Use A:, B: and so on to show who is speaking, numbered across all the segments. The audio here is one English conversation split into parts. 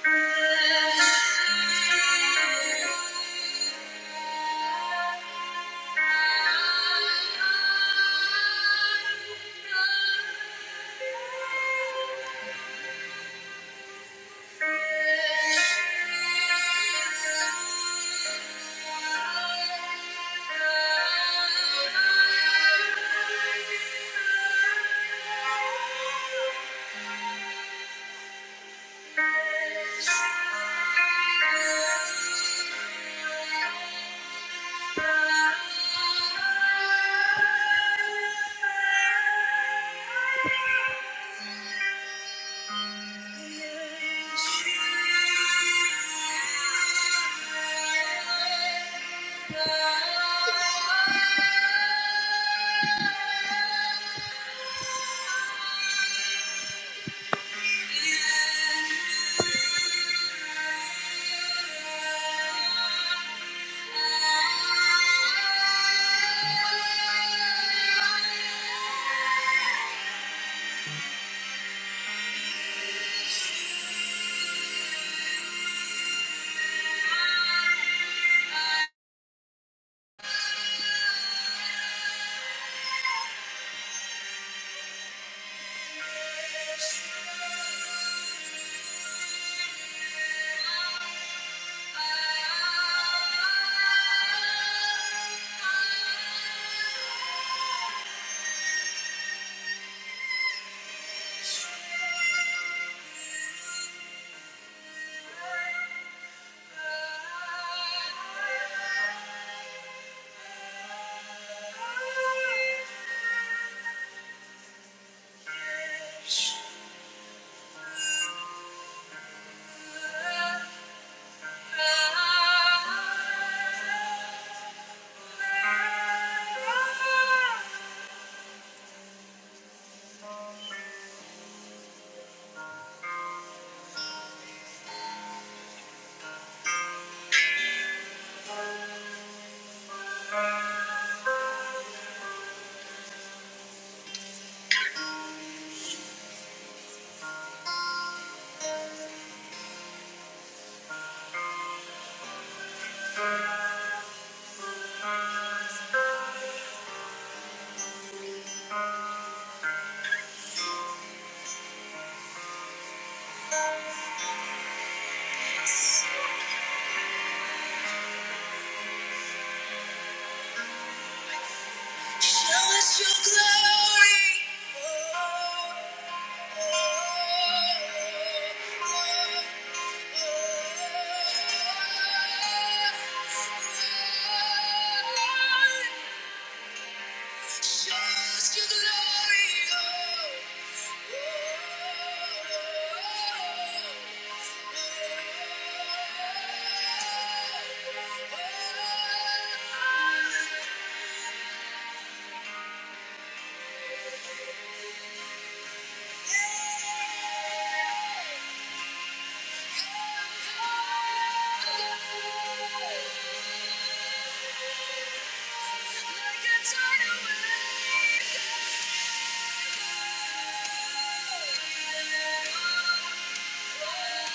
A: Thank you. Thank you. Thank you. Thank you. Show us your glory. Oh, oh, oh, oh, oh. Shows your glory, oh, oh, oh, oh, oh. Yes.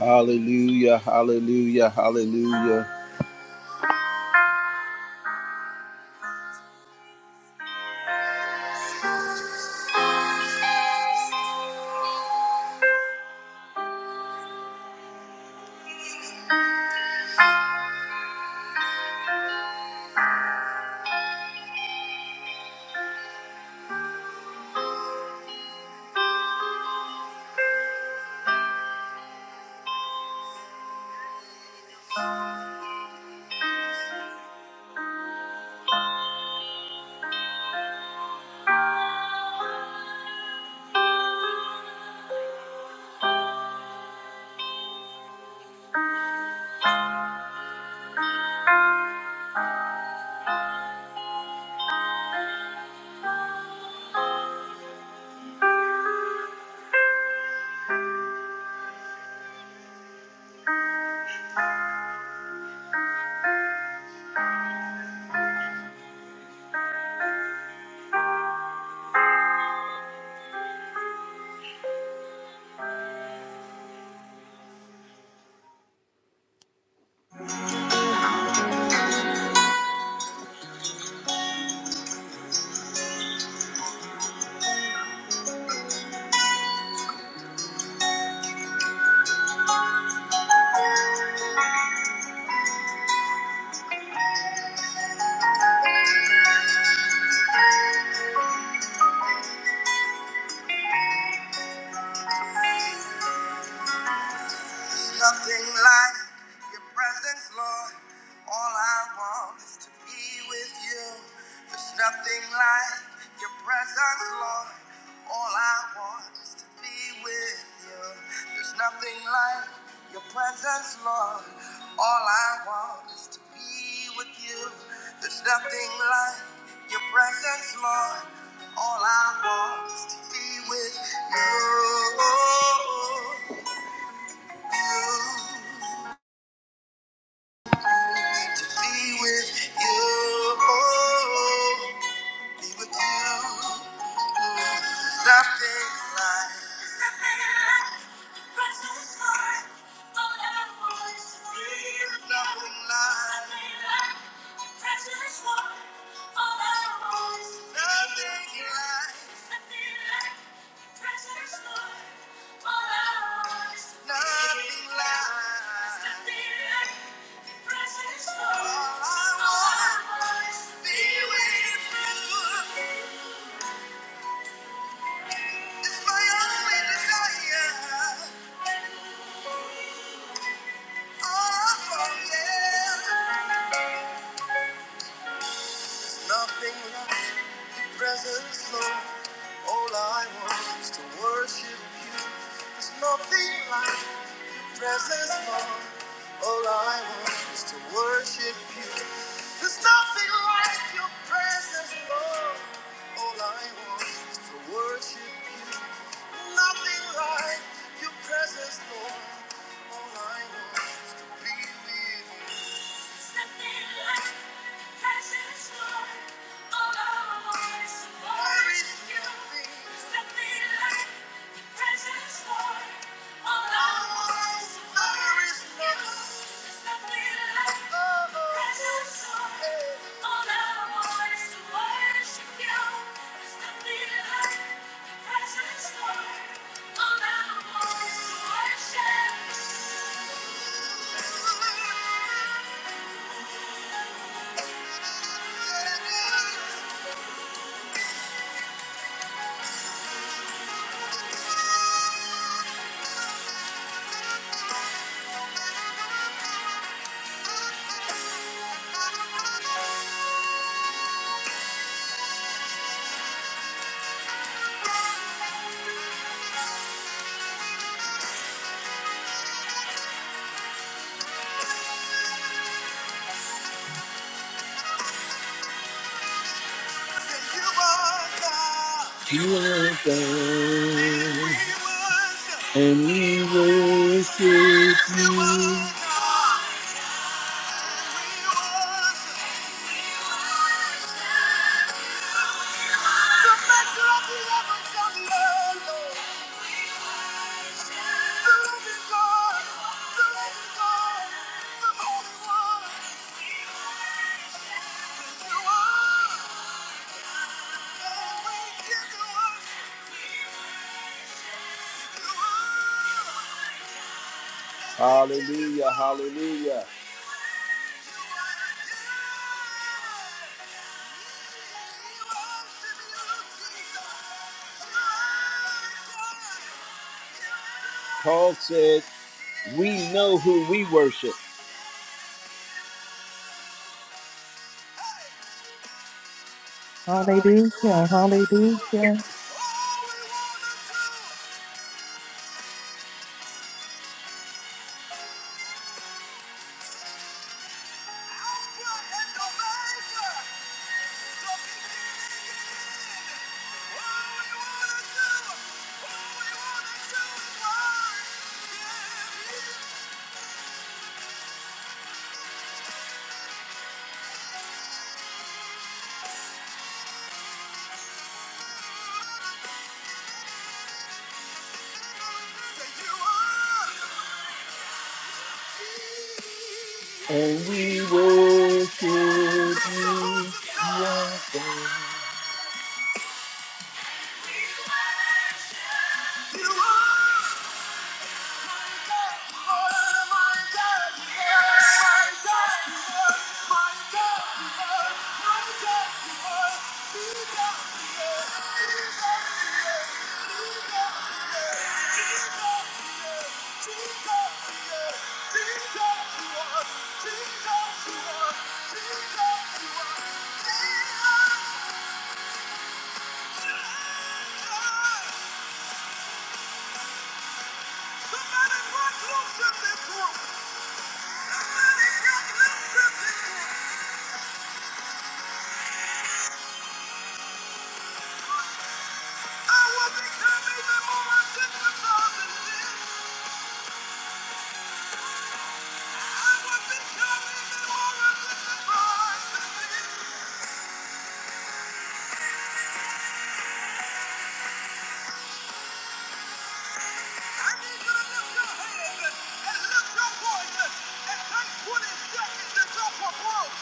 A: Hallelujah, hallelujah, hallelujah. Nothing like your presence, Lord. All I want is to be with you. There's nothing like your presence, Lord. All I want is to be with you. There's nothing like your presence, Lord. All I want is to be with you. There's nothing like your presence, Lord. All I want is to be with you. you. to be with you. Be with you. Nothing like. Nothing like. Nothing like. Nothing like. Nothing left, presence Lord. All I want is to worship you. There's nothing like presence Lord. All I want is to worship you. There's nothing like your presence Lord. All I want is to worship you. Nothing like your presence, Lord. All I want is to be with you. Nothing like your presence, Lord. All I want is to worship you. There's nothing like your presence, Lord. All I want is to worship you. There's nothing like your presence, Lord. All I want is to worship you. There's nothing like you are God, and we worship you. Hallelujah, hallelujah. Paul said, We know who we worship. And
B: Hallelujah, hallelujah,
A: we worship you, Yahweh. Somebody break loose in this room. Somebody break loose in this room. I will become even more identified than this. I will become even more identified than this. I need you to lift your hands and and lift your voices and take 20 seconds and go for growth.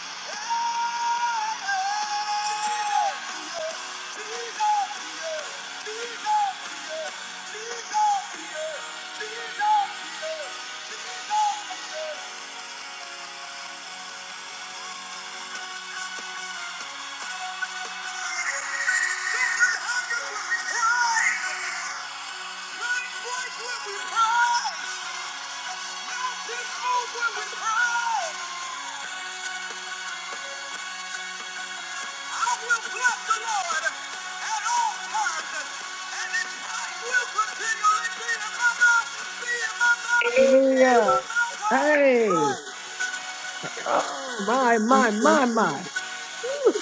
C: Hallelujah. Hey. Oh, my, my, my, my. Whew.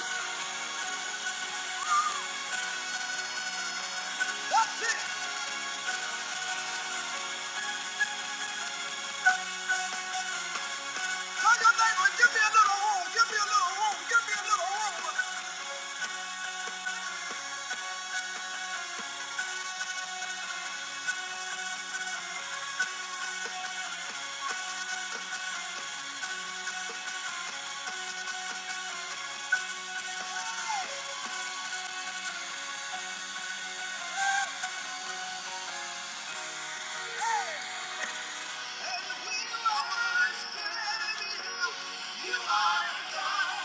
A: You are God.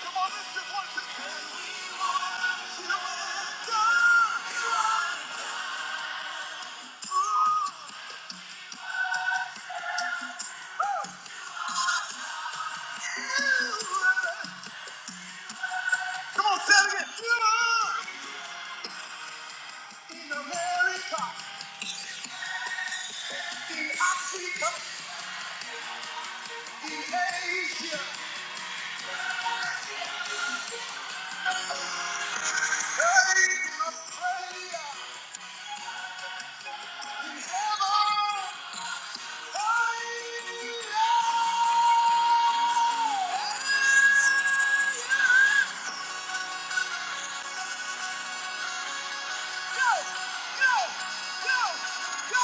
A: Come on, lift your voices. We want you God. Come on, say again. You are in America, in Africa, in Asia, hey, Australia, in heaven. Hallelujah. Go, go, go, go.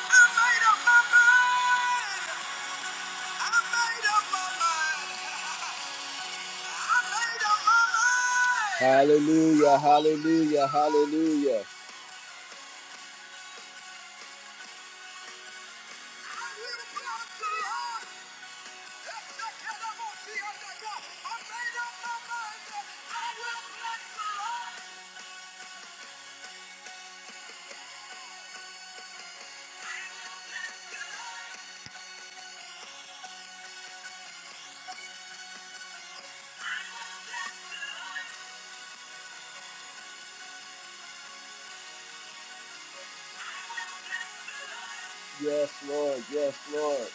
A: I made up my mind. I made up my mind. Hallelujah, hallelujah, hallelujah. Yes, Lord, yes, Lord.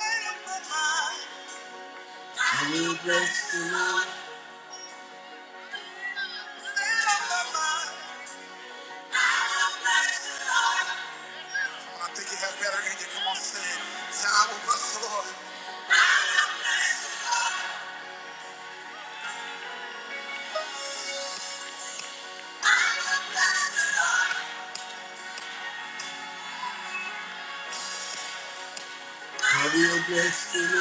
A: I will bless the Lord. I think you have better in you. Come on, sing it. Say, I will bless the Lord. I will bless the Lord.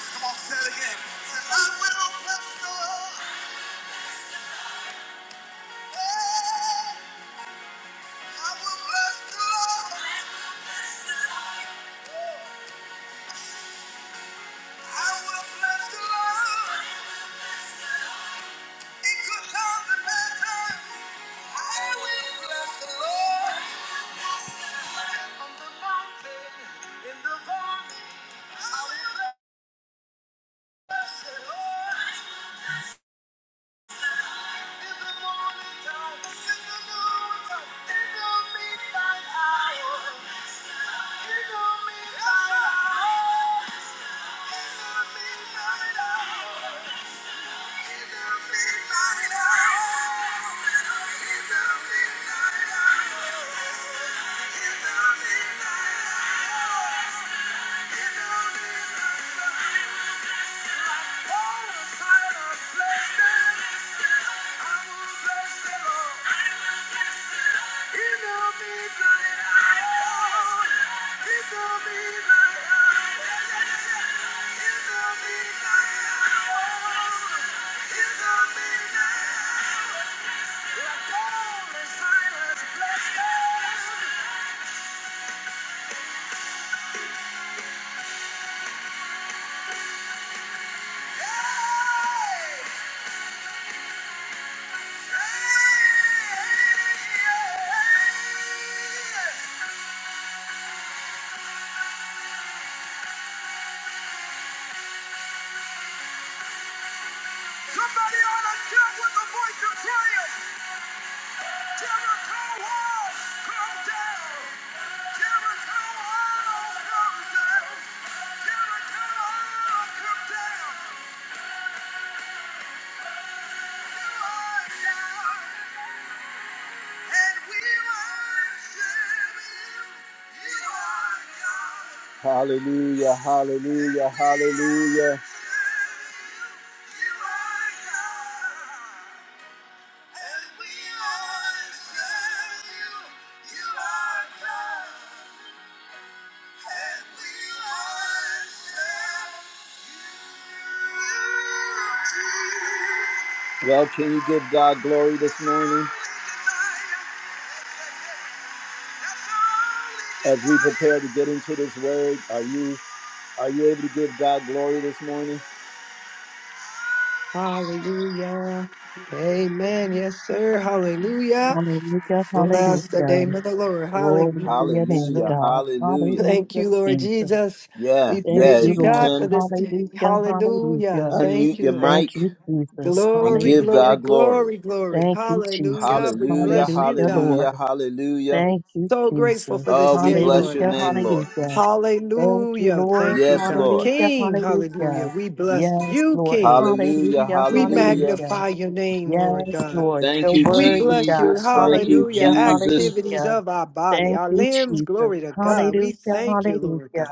A: Come on, say it again. Say, I will bless the Lord. Hey, I will bless the Lord. I will bless the Lord. In good times and bad times, I will bless the Lord. On the mountain, in the valley, I will bless the Lord. In the morning in the noon in the midnight hour, in the midnight hour, in the midnight hour, in the midnight hour, in the midnight hour. Hallelujah, hallelujah, hallelujah. Well, can you give God glory this morning? As we prepare to get into this word, are you are you able to give God glory this morning?
C: Hallelujah. Amen. Yes, sir. Hallelujah.
B: hallelujah,
C: Bless the
B: hallelujah.
C: name of the Lord.
B: Glory
C: Hallelujah.
B: to your name,
A: Hallelujah.
B: God.
A: Hallelujah.
C: Thank
B: Hallelujah,
C: you, Lord
B: Jesus.
C: Jesus.
A: Yeah,
C: We
B: Thank
A: yeah.
C: praise
B: you,
C: you,
A: If you
B: Lord.
C: God, for
A: can
C: this day.
B: Hallelujah,
C: Hallelujah.
B: hallelujah.
C: Thank
A: unmute
C: you,
A: your
C: Lord.
B: Thank
A: mic
B: you, Jesus.
A: and
C: Glory,
A: give
C: glory,
B: Hallelujah.
A: God glory.
C: glory, glory.
B: Thank you, Jesus.
C: Hallelujah. We
A: Hallelujah,
C: bless you,
B: Hallelujah,
C: God.
A: hallelujah,
B: Lord.
A: hallelujah.
B: Thank you,
C: So grateful
B: Jesus.
C: for this
A: Oh, we
C: day,
A: bless
C: Lord
A: your
B: Hallelujah,
A: name,
C: God.
A: Lord.
B: hallelujah. Thank you,
C: Hallelujah.
B: Lord.
C: Thank you,
A: Yes,
C: God.
A: Lord.
B: Hallelujah,
C: King, hallelujah.
B: hallelujah.
C: We bless
B: Yes,
C: you,
B: Lord.
C: King.
A: Hallelujah,
B: Hallelujah,
C: We
A: hallelujah.
B: hallelujah.
C: magnify your name, Lord
B: Yes,
C: God.
B: Lord, you're
A: Thank you,
C: We
B: worthy,
C: bless you.
B: God.
A: Jesus. Thank you,
C: Hallelujah.
B: Hallelujah,
A: Jesus.
C: Activities
B: hallelujah.
C: of our body,
B: Thank
C: our
B: you,
C: limbs,
B: Jesus.
C: glory to God. We
B: Hallelujah,
C: thank you, Lord
B: hallelujah.
C: God.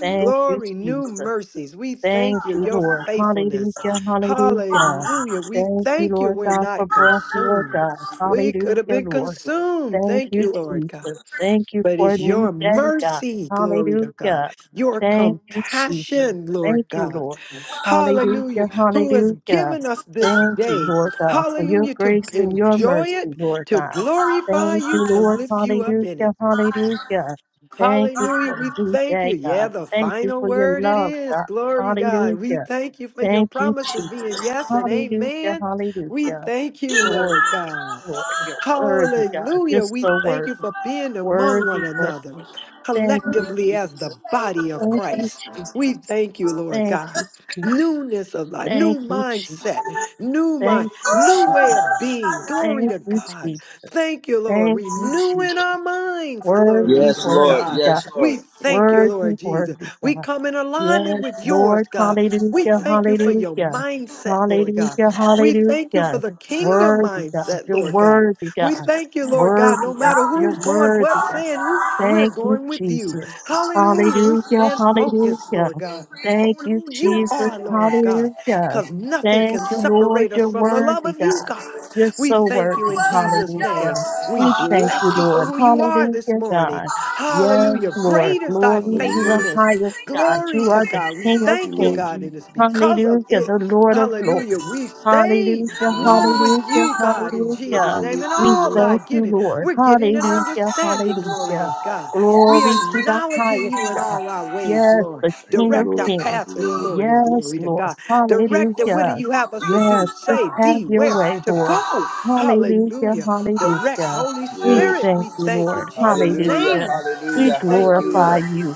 B: Thank you,
C: Glory, new
B: Jesus.
C: mercies. We
B: Thank
C: thank you,
B: you,
C: your
B: Lord.
C: faithfulness.
B: Hallelujah, hallelujah.
C: Hallelujah. We
B: Thank you,
C: thank you,
B: Lord
C: we're
B: God, for
C: not
B: breath, Lord
C: consumed.
B: God.
C: We could have
B: Hallelujah,
C: been
B: Lord.
C: consumed.
B: Thank
C: Thank
B: you,
C: you, Lord God.
B: Jesus. Thank you
C: But
B: for a
C: it's
B: new
C: your
B: day, God.
C: mercy, glory to God,
B: Hallelujah.
C: your
B: Thank you, Jesus.
C: compassion,
B: Thank
C: Lord
B: you,
C: God,
B: Lord.
C: hallelujah,
B: Hallelujah.
C: who has
B: Hallelujah.
C: given us this
B: Thank you,
C: day,
B: Lord God, for your
C: hallelujah, to
B: grace and your
C: enjoy
B: mercy,
C: it,
B: Lord
C: to
B: God.
C: glorify
B: Thank
C: you,
B: you,
C: to
B: Lord.
C: lift you up
B: Hallelujah.
C: in it.
B: Hallelujah. Thank you
C: Hallelujah,
B: for
C: we
B: a new
C: thank you.
B: day,
C: Yeah,
B: God.
C: the
B: Thank you
C: final
B: for your
C: word it
B: love,
C: is.
B: God.
C: Glory to God.
B: Hallelujah.
C: We thank you for your
B: Thank you,
C: promises
B: Jesus.
C: being yes and
B: Hallelujah,
C: amen. We
B: hallelujah.
C: thank you,
B: Lord,
C: Lord God.
B: Lord, you're worthy, God. You're
C: Hallelujah. We
B: so
C: thank you
B: worthy,
C: for being among one
B: worthy,
C: another
B: worthy. Thank you,
C: collectively as the
B: Jesus.
C: body of
B: Thank you,
C: Christ. We
B: Jesus.
C: thank you, Lord
B: Thank you,
C: God.
B: Jesus.
C: Newness of life,
B: Thank
C: new
B: you, Jesus.
C: mindset, new mind,
B: Thank you,
C: new
B: Jesus.
C: way of being. Glory
B: Thank
C: to
B: you,
C: God.
B: Jesus.
C: Thank you, Lord.
B: Thank you, Jesus.
C: Renewing our minds. Glory
B: Worthy,
A: Yes,
C: to
A: Lord.
B: worthy,
C: God.
B: God.
A: Yes, Lord.
C: We thank you,
B: Worthy,
C: Lord Jesus.
B: worthy,
C: We
B: God.
C: come in alignment
B: Yes,
C: with yours,
B: Lord,
C: God. We
B: hallelujah,
C: thank you for your
B: hallelujah,
C: mindset, Lord God.
B: hallelujah,
C: We thank you for
B: hallelujah.
C: the kingdom
B: Worthy, God,
C: mindset,
B: you're
C: Lord God.
B: worthy,
C: We
B: God.
C: thank you, Lord God, no
B: Worthy, God,
C: matter
B: you're
C: who's going,
B: worthy,
C: what
B: God.
C: saying, who, we're
B: Thank you,
C: going with you.
B: Jesus.
C: Hallelujah. We
B: Hallelujah,
C: stand focused,
B: hallelujah.
C: Lord God,
B: Thank
C: on
B: you,
C: who you
B: Jesus.
C: are, Lord God,
B: Hallelujah.
C: because nothing
B: Thank
C: can
B: you, Lord.
C: separate us
B: You're
C: from the love
B: worthy,
C: of you,
B: God.
C: God.
B: You're
C: We
B: so
C: thank you
B: worthy.
C: in Jesus' name.
B: Hallelujah.
C: We
B: We thank
C: bless
B: you,
C: you for
B: Lord.
C: who you are this
B: Hallelujah,
C: morning.
B: God. Yes,
C: Hallelujah.
B: Lord.
C: Great is thy
B: Glory to the
D: Hallelujah.
C: faithfulness.
B: highest God.
C: Glory
B: You
C: to
B: are the
C: God. We
B: King of
D: Thank you,
C: thank you,
D: Lord
B: kings.
C: God, and
D: Jesus.
C: it's because
B: Hallelujah,
C: of it.
B: the Lord of
C: Hallelujah.
B: lords.
C: We stay
D: Thank you,
B: Hallelujah,
C: one
D: Lord.
C: with
B: hallelujah,
C: you, God, in
D: The
C: Jesus'
D: blessing
B: hallelujah.
D: of
C: name.
D: this
C: In
D: day,
B: We
C: all
D: Lord.
C: thy
B: thank you,
C: getting,
B: Lord.
C: we're getting an
A: I'm
B: Hallelujah,
A: not
C: understanding, glory
B: hallelujah.
C: to God.
A: alone.
C: We are
B: Glory to the
C: acknowledging
B: highest
A: Everything
C: you in
A: is
B: God.
C: all our
A: you.
C: ways,
B: Yes,
C: Lord.
B: the
D: Thank
B: King
D: you,
B: of
C: Direct our
D: Lord.
A: You
D: Thank
B: Kings.
A: do.
C: path
D: you,
C: this
D: Lord.
C: morning,
B: Yes,
C: glory to
B: Lord.
C: God. Direct it.
A: For
C: What
A: you
C: do
B: Hallelujah.
C: you have us to do?
B: Yes,
A: are
B: just
C: Say,
A: God.
B: have
C: be,
B: your
C: where
A: My
B: way,
C: to
B: Lord.
C: go.
A: God.
B: Hallelujah.
C: Hallelujah.
A: I'm
C: Direct,
B: Hallelujah.
A: not
C: Holy
B: We
C: Spirit,
D: Yes.
B: thank
C: we
B: you,
A: alone.
C: thank in
B: Lord.
C: Jesus'
A: Hallelujah,
B: Hallelujah.
C: name. We
B: We
A: hallelujah,
C: thank you, Lord.
B: glorify
A: hallelujah.
B: you.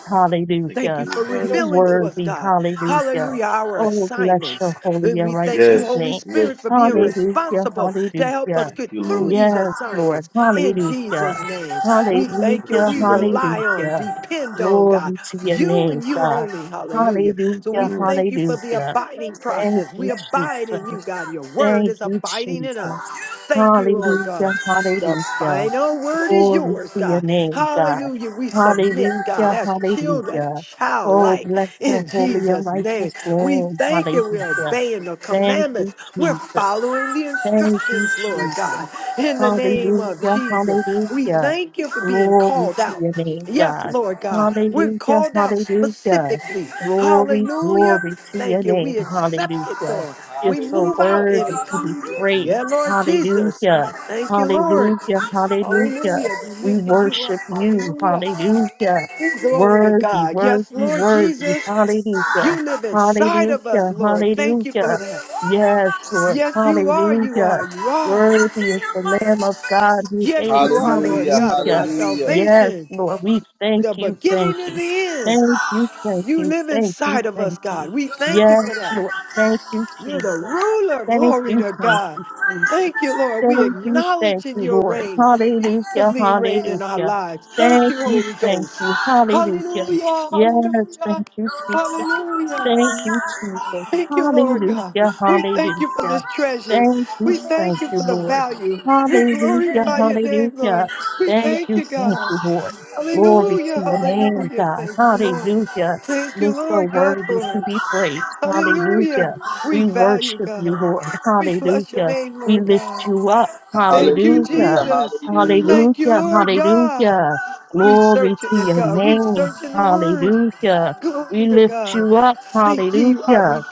D: Thank you
C: Thank
D: for
C: you
B: Hallelujah.
D: your
C: for
B: You're
D: guidance,
C: revealing to
D: Lord.
C: us,
B: worthy.
C: God,
B: Hallelujah.
C: hallelujah, our
B: Oh, bless your
C: assignments.
B: holy
C: And
B: and
C: we thank
B: righteous
C: you,
D: Yes.
C: Holy
B: name.
C: Spirit,
D: Yes.
C: for being
D: Yes.
B: Hallelujah.
C: responsible to help
B: Hallelujah.
C: us
D: Thank
C: get
D: you,
C: through
D: Lord.
C: these
B: Yes,
C: assignments
B: Lord.
C: in
B: Hallelujah.
C: Jesus' name. We
D: We
C: thank you.
B: Hallelujah,
D: praise
C: We
D: you, Lord.
C: rely on,
B: hallelujah.
C: depend on God,
B: Glory to your
C: you
B: name,
C: and you
B: God.
C: only, hallelujah.
D: Thank
C: So
D: you,
C: we
B: Hallelujah,
D: Lord.
C: thank you for the
B: hallelujah.
C: abiding
B: Thank
C: process. We
B: you,
C: abide in
B: Jesus.
C: you, God. Your word
B: Thank
C: is
B: you,
C: abiding in us.
B: Jesus.
C: Thank you, Lord
B: Hallelujah,
C: God. The
B: hallelujah.
C: final word is
B: Glory
C: yours,
B: to
C: God.
B: your name, God.
C: Hallelujah. We submit, God,
B: Hallelujah,
C: as children,
B: hallelujah. Oh,
C: childlike
B: bless the
C: in
B: holy and
C: Jesus' name.
B: righteous
C: We
B: name.
C: thank you. We're
B: Hallelujah.
C: obeying the
B: Thank you,
C: commandments. We're
B: Jesus.
C: following the
A: I'm
B: Thank you,
C: instructions, Lord
B: Jesus.
C: God, in the name of
B: Hallelujah,
A: the
C: Jesus.
A: fighter.
C: We
B: hallelujah.
C: thank you for being
B: Glory
C: called
B: to
C: out.
B: your name,
C: Yes,
B: God.
C: Lord God. We're
B: Hallelujah,
C: called out
B: hallelujah.
C: specifically.
B: Glory,
C: Hallelujah.
B: glory to your
C: Thank you.
B: name.
C: We accept it,
B: Hallelujah.
C: God.
B: You're
C: We
B: so
C: move out
B: worthy
C: in it,
B: to
C: God.
B: be
C: Yeah,
B: praised.
C: Lord Jesus.
B: Hallelujah,
C: Thank you, Lord.
B: hallelujah, hallelujah.
C: Hallelujah. We
B: We
C: lifting you up.
B: worship you.
C: Hallelujah.
B: Hallelujah.
C: Ooh, glory to
B: Worthy,
C: God. Yes,
B: worthy,
C: Lord
B: worthy.
C: Jesus,
B: Hallelujah,
C: you live inside of us,
B: hallelujah,
C: Lord. Thank you for
B: hallelujah.
C: that.
B: Yes, Lord.
C: Yes, you are. You are.
B: Hallelujah.
C: You are.
B: Worthy is the Lamb of God who
C: Yes,
B: gave.
C: you are, Lord
A: Hallelujah, hallelujah.
C: God of
B: Hallelujah.
C: my
A: Hallelujah,
B: Yes,
C: salvation,
B: Lord, we thank
C: the
B: you, thank
C: beginning and
B: you.
C: the end.
B: Thank you,
A: hallelujah.
B: thank
C: You
B: you,
C: live
B: thank you,
C: inside of us,
B: thank
C: God.
B: you.
C: We thank you
B: Yes,
C: for that.
B: Lord, thank you,
C: You're
B: Jesus.
C: the ruler.
B: Thank
C: Glory
B: you,
C: to
B: thank
C: God.
B: you, Jesus.
C: Thank you, Lord. We
B: Thank you,
C: acknowledge
B: thank
C: in
B: you,
C: your
B: Lord.
C: reign.
B: Hallelujah,
C: actively reign in our
B: hallelujah.
C: lives. Thank
B: Thank
C: you,
B: you,
C: Holy
B: thank
C: Ghost.
B: you, hallelujah.
C: Hallelujah,
B: Yes, thank
C: hallelujah,
B: you, Jesus.
C: hallelujah.
B: Thank you, Jesus.
C: Thank you, Lord God.
B: Hallelujah,
C: We thank you for
B: hallelujah.
C: this treasure.
B: Thank you,
C: We
B: thank
C: thank you
B: you,
C: for the
B: Lord.
C: value. We
B: Hallelujah,
C: glorify your name,
B: hallelujah.
C: Lord. We
B: Thank
C: thank
B: you,
C: you,
B: thank
C: God.
B: you, Lord. Glory to
C: Hallelujah,
B: your name,
C: hallelujah.
B: God.
C: Thank you, Lord.
B: Hallelujah.
C: Thank you,
B: You're so
C: Lord God,
B: worthy
C: for
B: to
C: it.
B: be praised.
C: Hallelujah.
B: Hallelujah.
C: We
B: We
C: value
B: worship you,
C: God.
B: Lord.
C: We bless your
B: Hallelujah.
C: name,
B: We
C: Lord
B: lift
C: God.
B: you up.
C: Thank you,
A: Hallelujah,
B: Hallelujah.
C: Jesus.
A: hallelujah.
C: Thank you,
B: Hallelujah,
C: Lord God.
B: hallelujah.
C: We
B: Glory
C: searching
B: to
C: it,
B: your
C: God. We
B: name.
C: searching the word.
B: Hallelujah.
C: Glory
B: We
C: to
B: lift
C: God.
B: you up.
C: Seek ye while
B: Hallelujah.
C: we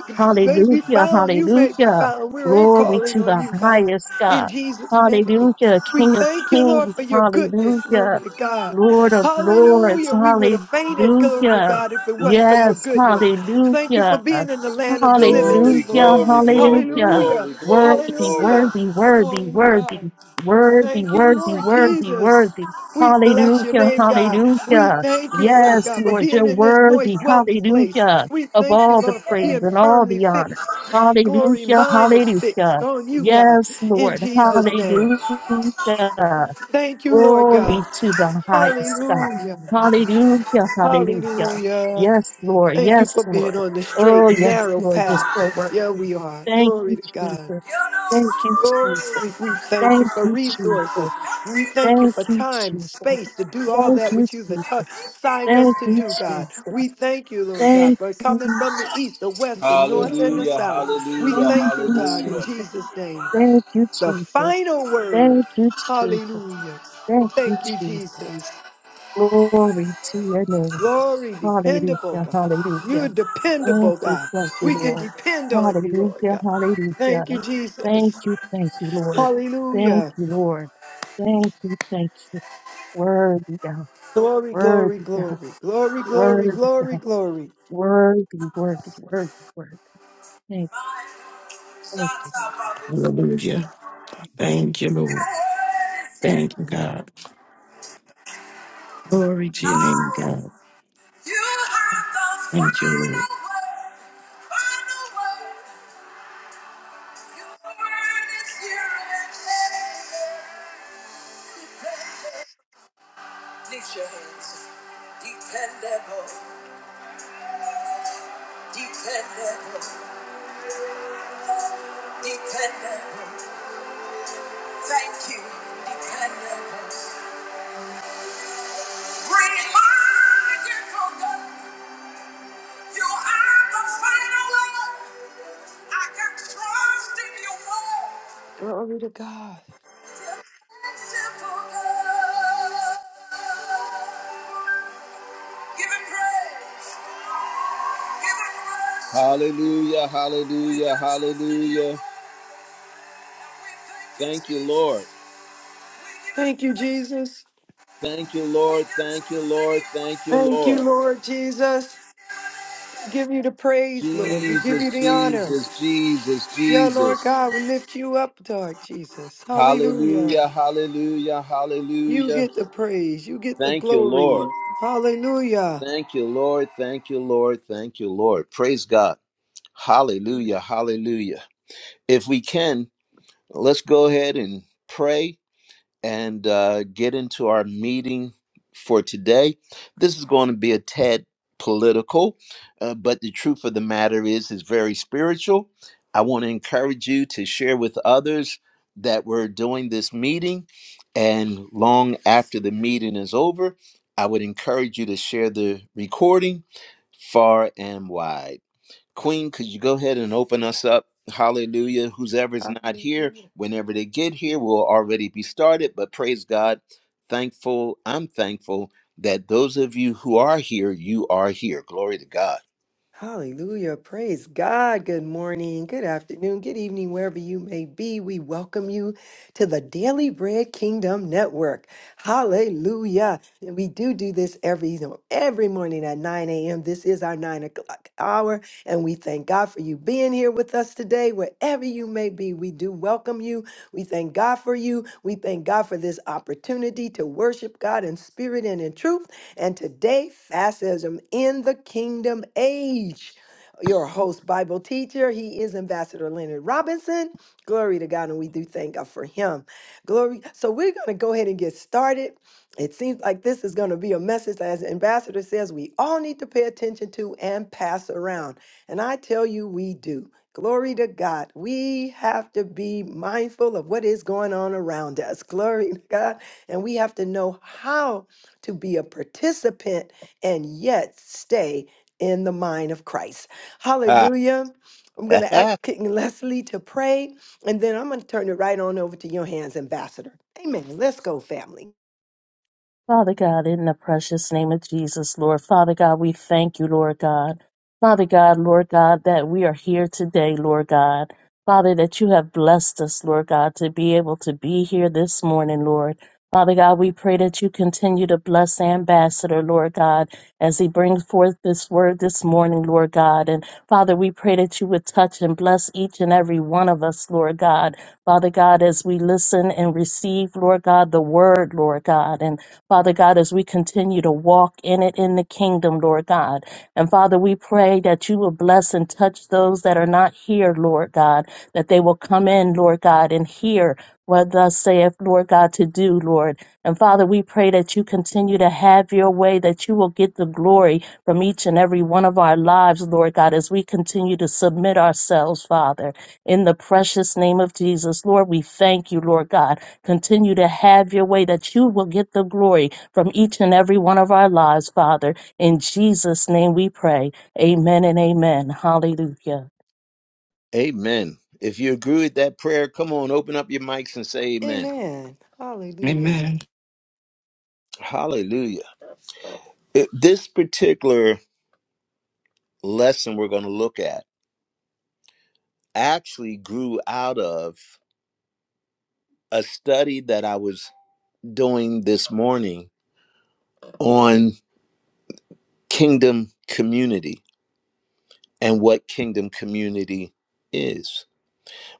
C: may be
B: Hallelujah.
C: found. You may be
B: Hallelujah.
C: found. We're here
B: Glory
C: calling
B: to
C: on
B: the
C: you, God,
B: highest
C: in
B: God.
C: Jesus' name.
B: Hallelujah.
C: We
B: King of
C: thank you, Lord,
B: kings.
C: for your goodness. Glory
B: Hallelujah.
C: to God.
B: Lord of lords.
C: Hallelujah. We would have fainted, glory to
B: Hallelujah.
C: God, if it wasn't for your
B: Yes.
C: goodness. Thank you for
B: Hallelujah.
C: being in the land of the living this
A: Glory,
B: Hallelujah.
C: morning.
A: glory, glory,
B: Hallelujah.
C: Hallelujah.
A: glory, glory,
B: Worthy,
A: glory.
C: Hallelujah.
B: worthy, worthy,
C: Glory to
B: worthy,
C: God.
B: worthy,
C: Thank you,
B: worthy,
C: Lord
B: worthy,
C: Jesus.
B: worthy.
C: We bless your
B: Hallelujah.
C: name, God. We
B: Hallelujah.
C: thank you, Lord
B: Yes,
C: God, for
B: Lord, you're
C: being in this
B: worthy,
C: moist, wealthy place.
B: hallelujah,
C: We
B: of
C: thank you,
B: all the
C: Lord, for
B: praise
C: being
B: and all
C: firmly
B: the honor.
C: fixed. Glory,
B: Hallelujah,
C: mine is fixed
B: hallelujah.
C: on you, God,
B: Yes,
C: in
B: Lord,
C: Jesus' name.
B: hallelujah.
C: Thank you, Lord
B: Glory
C: God.
B: to the highest God.
C: Hallelujah.
B: Hallelujah, hallelujah.
C: Hallelujah.
B: Yes, Lord,
C: Thank you
B: yes,
C: for
B: Lord.
C: being on the
B: Oh,
C: straight,
B: yes,
C: narrow
B: Lord, you're
C: path.
B: so worthy.
C: Yeah, we are.
B: Thank
C: Glory
B: you,
C: to God.
B: Jesus. Thank you, Jesus.
C: Glory. We thank you
B: Thank
C: for
B: you, Jesus.
C: resources. We thank you
B: Thank
C: for
B: you,
C: time,
B: Jesus.
C: space to do all
B: Thank
C: that
B: you,
C: which you've
B: Jesus.
C: atti- signed us
B: Thank
C: to
B: you,
C: do, God. We
B: Jesus.
C: thank you, Lord God,
B: Thank
C: for coming
B: you,
C: from the east, the west, the north, and the
B: Jesus.
A: Hallelujah,
C: south. We
A: hallelujah,
B: Thank
C: thank you,
B: you,
C: God, in
A: hallelujah.
B: Jesus.
C: Jesus' name.
B: Thank you,
C: The
B: Jesus.
C: final word.
B: Thank you, Jesus.
C: Hallelujah.
B: Thank you,
C: Thank you,
B: Jesus.
C: Jesus.
B: Glory to your name.
C: Glory, dependable
B: Hallelujah.
C: God. You're
B: Hallelujah.
C: dependable,
B: Thank you,
C: God.
B: thank you,
C: We can
B: Lord.
C: depend on you, Lord
B: Hallelujah.
C: God. Thank you,
B: Hallelujah. Thank
C: Jesus.
B: you, thank you, Lord. Thank
C: Hallelujah.
B: you, Lord. Thank you, thank you. Worthy God.
C: Glory, glory,
B: Worthy God.
C: glory, glory, glory,
B: Worthy
C: glory,
B: God.
C: glory.
B: Worthy, worthy, worthy, worthy. Thank Thank you.
E: Hallelujah.
B: Thank you.
E: Thank you, Lord. Thank you, God. Glory to your name, God.
A: You have the
E: Thank you, Lord.
A: final word, final word. Your word is here and Remind you, God, you have the final word. I can trust in your word.
C: Glory to God.
A: Give him praise. Hallelujah, hallelujah, hallelujah. Thank you, Lord.
C: Thank you, Jesus.
A: Thank you, Lord. Thank you, Lord. Thank you,
C: Thank
A: Lord.
C: you, Lord Jesus. Give you the praise, Lord. We give
A: Jesus,
C: you the honor.
A: Jesus, Jesus,
C: Yeah, Lord
A: Jesus.
C: God, we lift you up, Lord Jesus. Hallelujah.
A: Hallelujah, hallelujah,
C: You
A: hallelujah.
C: get the praise. You get the
A: Thank you, Lord.
C: glory. Hallelujah.
A: Thank you, Lord. Thank you, Lord. Thank you, Lord. Praise God. Hallelujah, hallelujah. If we can, let's go ahead and pray and uh, get into our meeting for today. This is going to be a tad political, uh, but the truth of the matter is, it's very spiritual. I want to encourage you to share with others that we're doing this meeting, and long after the meeting is over, I would encourage you to share the recording far and wide. Queen, could you go ahead and open us up? Hallelujah. Whoever's not here, whenever they get here, we'll already be started. But praise God. Thankful. I'm thankful that those of you who are here, you are here. Glory to God.
C: Hallelujah. Praise God. Good morning, good afternoon, good evening, wherever you may be. We welcome you to the Daily Bread Kingdom Network. Hallelujah. And we do do this every, every morning at 9 a.m. This is our 9 o'clock hour. And we thank God for you being here with us today, wherever you may be. We do welcome you. We thank God for you. We thank God for this opportunity to worship God in spirit and in truth. And today, fascism in the kingdom age. Your host, Bible teacher, he is Ambassador Leonard Robinson. Glory to God, and we do thank God for him. Glory. So we're going to go ahead and get started. It seems like this is going to be a message, as Ambassador says, we all need to pay attention to and pass around. And I tell you, we do. Glory to God. We have to be mindful of what is going on around us. Glory to God. And we have to know how to be a participant and yet stay in the mind of Christ.
A: Ah,
C: Hallelujah. I'm going to ask King Leslie to pray, and then I'm going to turn it right on over to your hands, Ambassador. Amen. Let's go, family.
B: Father God, in the precious name of Jesus, Lord, Father God, we thank you, Lord God. Father God, Lord God, that we are here today, Lord God. Father, that you have blessed us, Lord God, to be able to be here this morning, Lord. Father God, we pray that you continue to bless Ambassador, Lord God, as he brings forth this word this morning, Lord God. And Father, we pray that you would touch and bless each and every one of us, Lord God. Father God, as we listen and receive, Lord God, the word, Lord God. And Father God, as we continue to walk in it in the kingdom, Lord God. And Father, we pray that you will bless and touch those that are not here, Lord God, that they will come in, Lord God, and hear what thus saith, Lord God, to do, Lord. And Father, we pray that you continue to have your way, that you will get the glory from each and every one of our lives, Lord God, as we continue to submit ourselves, Father, in the precious name of Jesus. Lord, we thank you, Lord God. Continue to have your way, that you will get the glory from each and every one of our lives, Father in Jesus' name we pray. Amen and amen. Hallelujah.
A: amen. If you agree with that prayer, come on, open up your mics and say amen.
C: Amen. Hallelujah.
E: Amen.
A: Hallelujah. It- this particular lesson we're going to look at actually grew out of a study that I was doing this morning on kingdom community and what kingdom community is.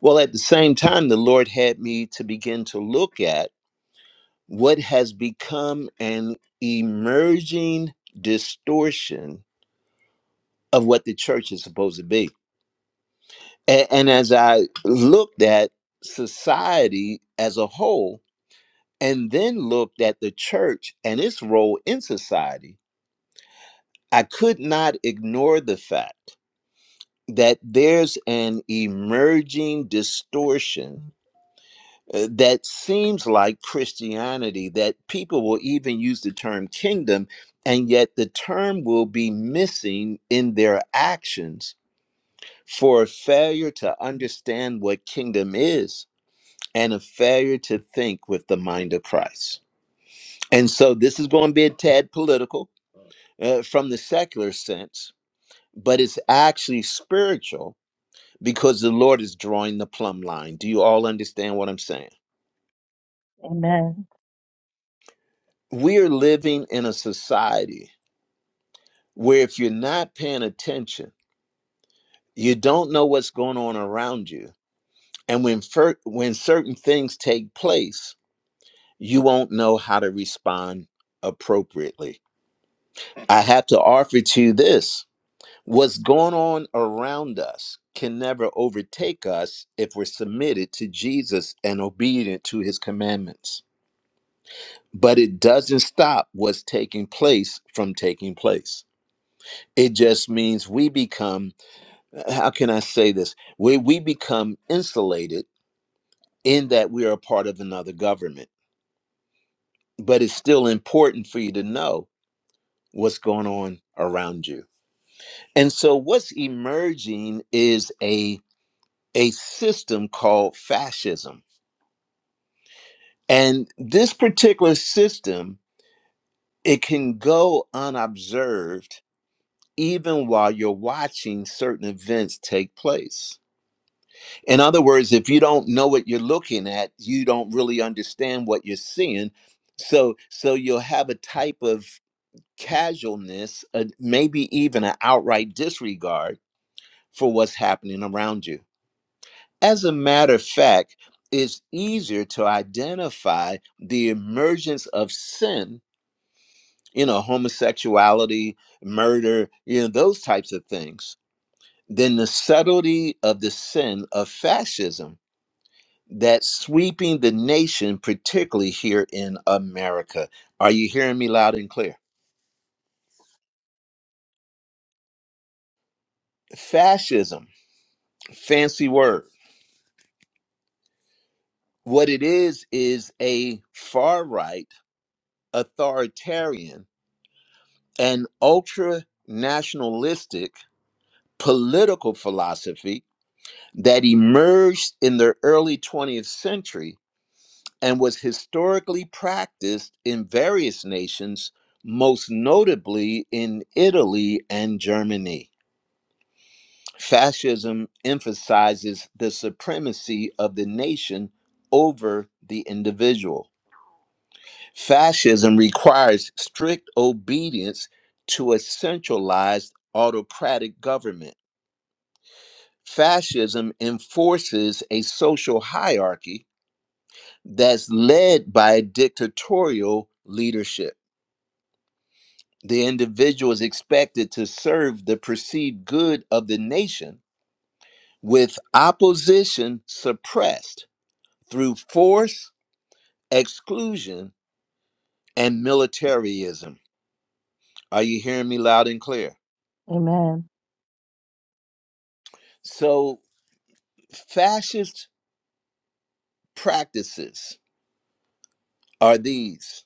A: Well, at the same time, the Lord had me to begin to look at what has become an emerging distortion of what the church is supposed to be. A- And as I looked at society as a whole, and then looked at the church and its role in society, I could not ignore the fact that there's an emerging distortion uh, that seems like Christianity, that people will even use the term kingdom, and yet the term will be missing in their actions for a failure to understand what kingdom is and a failure to think with the mind of Christ. And so this is going to be a tad political uh, from the secular sense, but it's actually spiritual because the Lord is drawing the plumb line. Do you all understand what I'm saying?
B: Amen.
A: We're living in a society where if you're not paying attention, you don't know what's going on around you. And when fir- when certain things take place, you won't know how to respond appropriately. I have to offer to you this. What's going on around us can never overtake us if we're submitted to Jesus and obedient to his commandments. but it doesn't stop what's taking place from taking place. It just means we become, how can I say this? We, we become insulated in that we are a part of another government, but it's still important for you to know what's going on around you. And so what's emerging is a, a system called fascism. And this particular system, it can go unobserved even while you're watching certain events take place. In other words, if you don't know what you're looking at, you don't really understand what you're seeing. So so you'll have a type of casualness, uh, maybe even an outright disregard for what's happening around you. As a matter of fact, it's easier to identify the emergence of sin, you know, homosexuality, murder, you know, those types of things than the subtlety of the sin of fascism that's sweeping the nation, particularly here in America. Are you hearing me loud and clear? Fascism, fancy word. What it is, is a far right, authoritarian, and ultra nationalistic political philosophy that emerged in the early 20th century and was historically practiced in various nations, most notably in Italy and Germany. Fascism emphasizes the supremacy of the nation over the individual. Fascism requires strict obedience to a centralized autocratic government. Fascism enforces a social hierarchy that's led by a dictatorial leadership The individual is expected to serve the perceived good of the nation with opposition suppressed through force, exclusion, and militarism. Are you hearing me loud and clear?
B: Amen.
A: So, fascist practices are these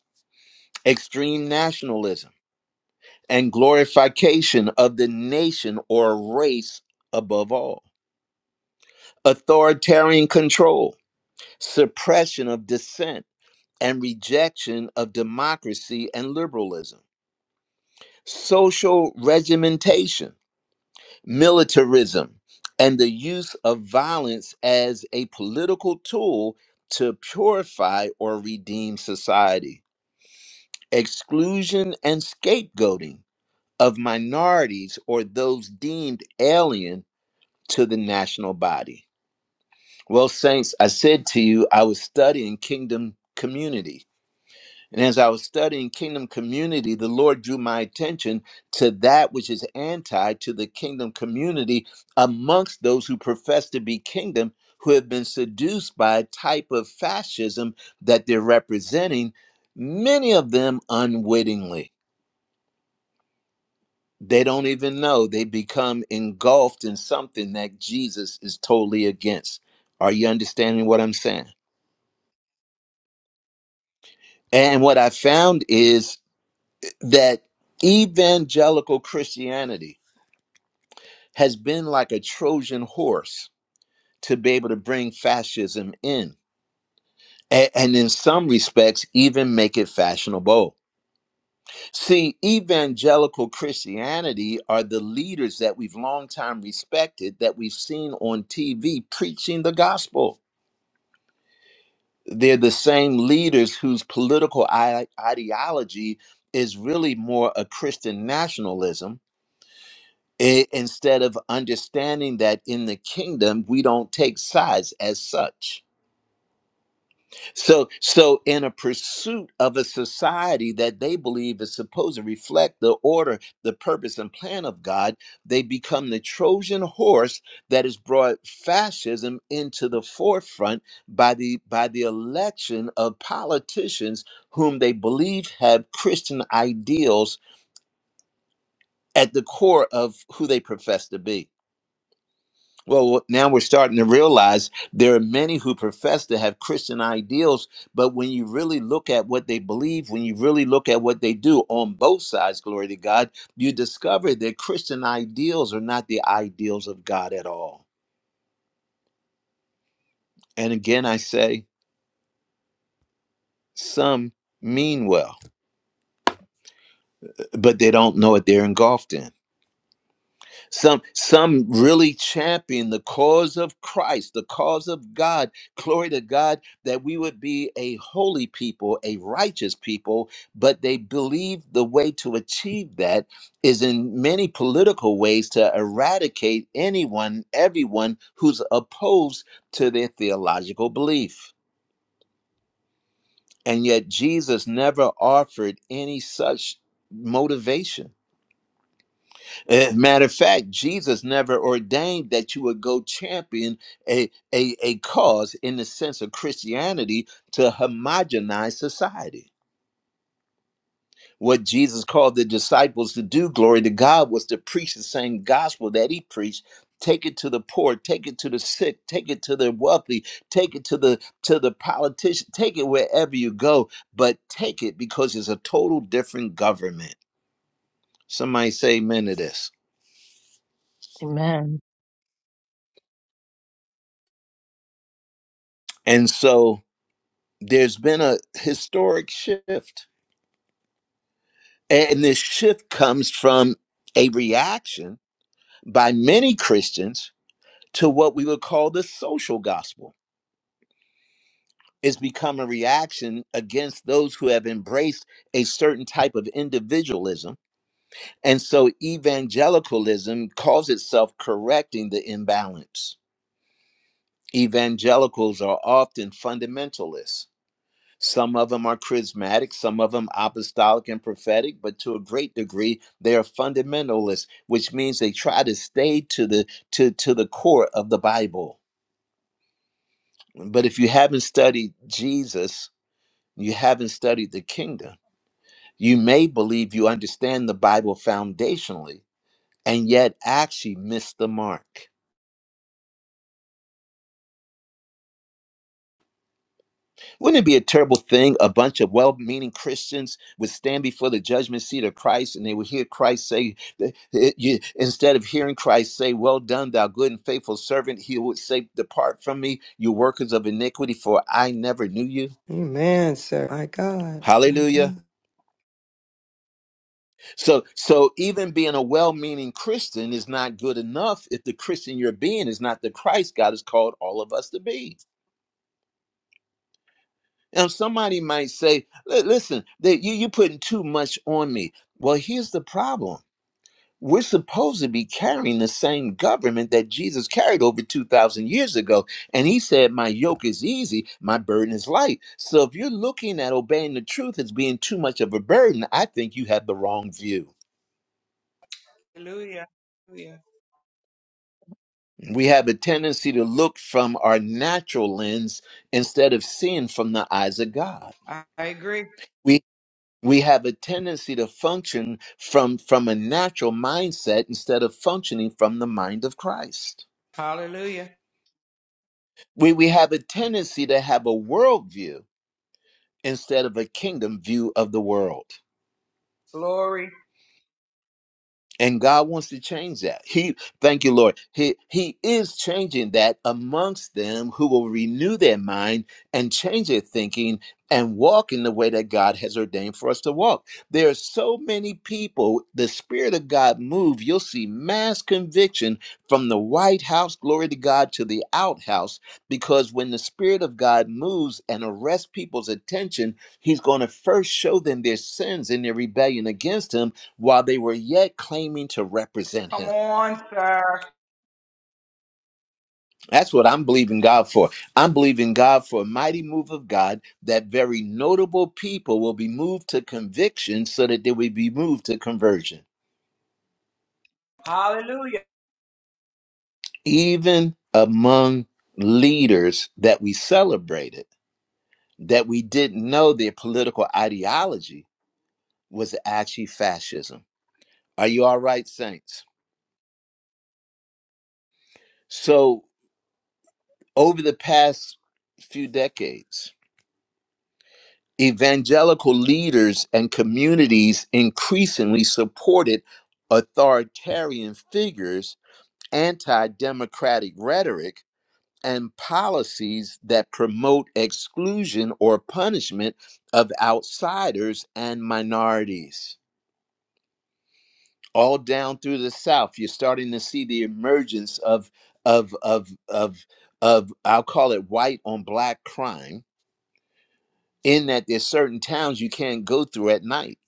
A: extreme nationalism and glorification of the nation or race above all, authoritarian control, suppression of dissent and rejection of democracy and liberalism, social regimentation, militarism, and the use of violence as a political tool to purify or redeem society, exclusion and scapegoating of minorities or those deemed alien to the national body. Well, Saints, I said to you, I was studying kingdom community And as I was studying kingdom community, the Lord drew my attention to that which is anti to the kingdom community amongst those who profess to be kingdom, who have been seduced by a type of fascism that they're representing, many of them unwittingly. They don't even know they become engulfed in something that Jesus is totally against. Are you understanding what I'm saying? And what I found is that evangelical Christianity, has been like a Trojan horse to be able to bring fascism in. a- And in some respects, even make it fashionable. See, evangelical Christianity are the leaders that we've long time respected, that we've seen on TV preaching the gospel. They're the same leaders whose political i- ideology is really more a Christian nationalism i- instead of understanding that in the kingdom, we don't take sides as such So, so in a pursuit of a society that they believe is supposed to reflect the order, the purpose, and plan of God, they become the Trojan horse that has brought fascism into the forefront by the by the election of politicians whom they believe have Christian ideals at the core of who they profess to be. Well, now we're starting to realize there are many who profess to have Christian ideals, but when you really look at what they believe, when you really look at what they do on both sides, glory to God, you discover that Christian ideals are not the ideals of God at all. And again, I say some mean well, but they don't know what they're engulfed in. Some some really champion the cause of Christ, the cause of God. Glory to God that we would be a holy people, a righteous people, but they believe the way to achieve that is in many political ways to eradicate anyone, everyone who's opposed to their theological belief. And yet Jesus never offered any such motivation Eh, matter of fact, Jesus never ordained that you would go champion a, a, a cause in the sense of Christianity to homogenize society. What Jesus called the disciples to do, glory to God, was to preach the same gospel that he preached. Take it to the poor, take it to the sick, take it to the wealthy, take it to the to the politician, take it wherever you go, but take it because it's a total different government. Somebody say amen to this.
B: Amen.
A: And so there's been a historic shift. And this shift comes from a reaction by many Christians to what we would call the social gospel. It's become a reaction against those who have embraced a certain type of individualism. And so evangelicalism calls itself correcting the imbalance. Evangelicals are often fundamentalists Some of them are charismatic, some of them apostolic and prophetic, but to a great degree they are fundamentalists, which means they try to stay to the to to the core of the Bible. But if you haven't studied Jesus, you haven't studied the kingdom. You may believe you understand the Bible foundationally and yet actually miss the mark. Wouldn't it be a terrible thing? A bunch of well meaning Christians would stand before the judgment seat of Christ and they would hear Christ say, th- it- you- instead of hearing Christ say, Well done, thou good and faithful servant, he would say, Depart from me, you workers of iniquity, for I never knew you.
C: Amen, sir. My God. My
A: Hallelujah.
C: God.
A: So so even being a well-meaning Christian is not good enough if the Christian you're being is not the Christ God has called all of us to be. Now, somebody might say, "Li- listen, that you, you're putting too much on me. Well, here's the problem. We're supposed to be carrying the same government that Jesus carried over 2,000 years ago. And he said, My yoke is easy, my burden is light. So if you're looking at obeying the truth as being too much of a burden, I think you have the wrong view.
F: Hallelujah. Hallelujah.
A: We have a tendency to look from our natural lens instead of seeing from the eyes of God
F: I agree.
A: we have a tendency to function from from a natural mindset instead of functioning from the mind of christ
F: Hallelujah.
A: we we have a tendency to have a worldview instead of a kingdom view of the world
F: Glory.
A: and God wants to change that. He, thank you, Lord. He He is changing that amongst them who will renew their mind and change their thinking and walk in the way that God has ordained for us to walk. There are so many people. The Spirit of God move. You'll see mass conviction from the White House, glory to God, to the outhouse, because when the Spirit of God moves and arrests people's attention, He's going to first show them their sins and their rebellion against Him while they were yet claiming to represent
F: Come
A: him.
F: on, sir.
A: That's what I'm believing God for. I'm believing God for a mighty move of God that very notable people will be moved to conviction so that they will be moved to conversion.
F: Hallelujah.
A: Even among leaders that we celebrated, that we didn't know their political ideology was actually fascism. Are you all right, Saints? So, over the past few decades, evangelical leaders and communities increasingly supported authoritarian figures, anti democratic rhetoric, and policies that promote exclusion or punishment of outsiders and minorities. All down through the South, you're starting to see the emergence of, of, of, of, of I'll call it white on black crime, in that there's certain towns you can't go through at night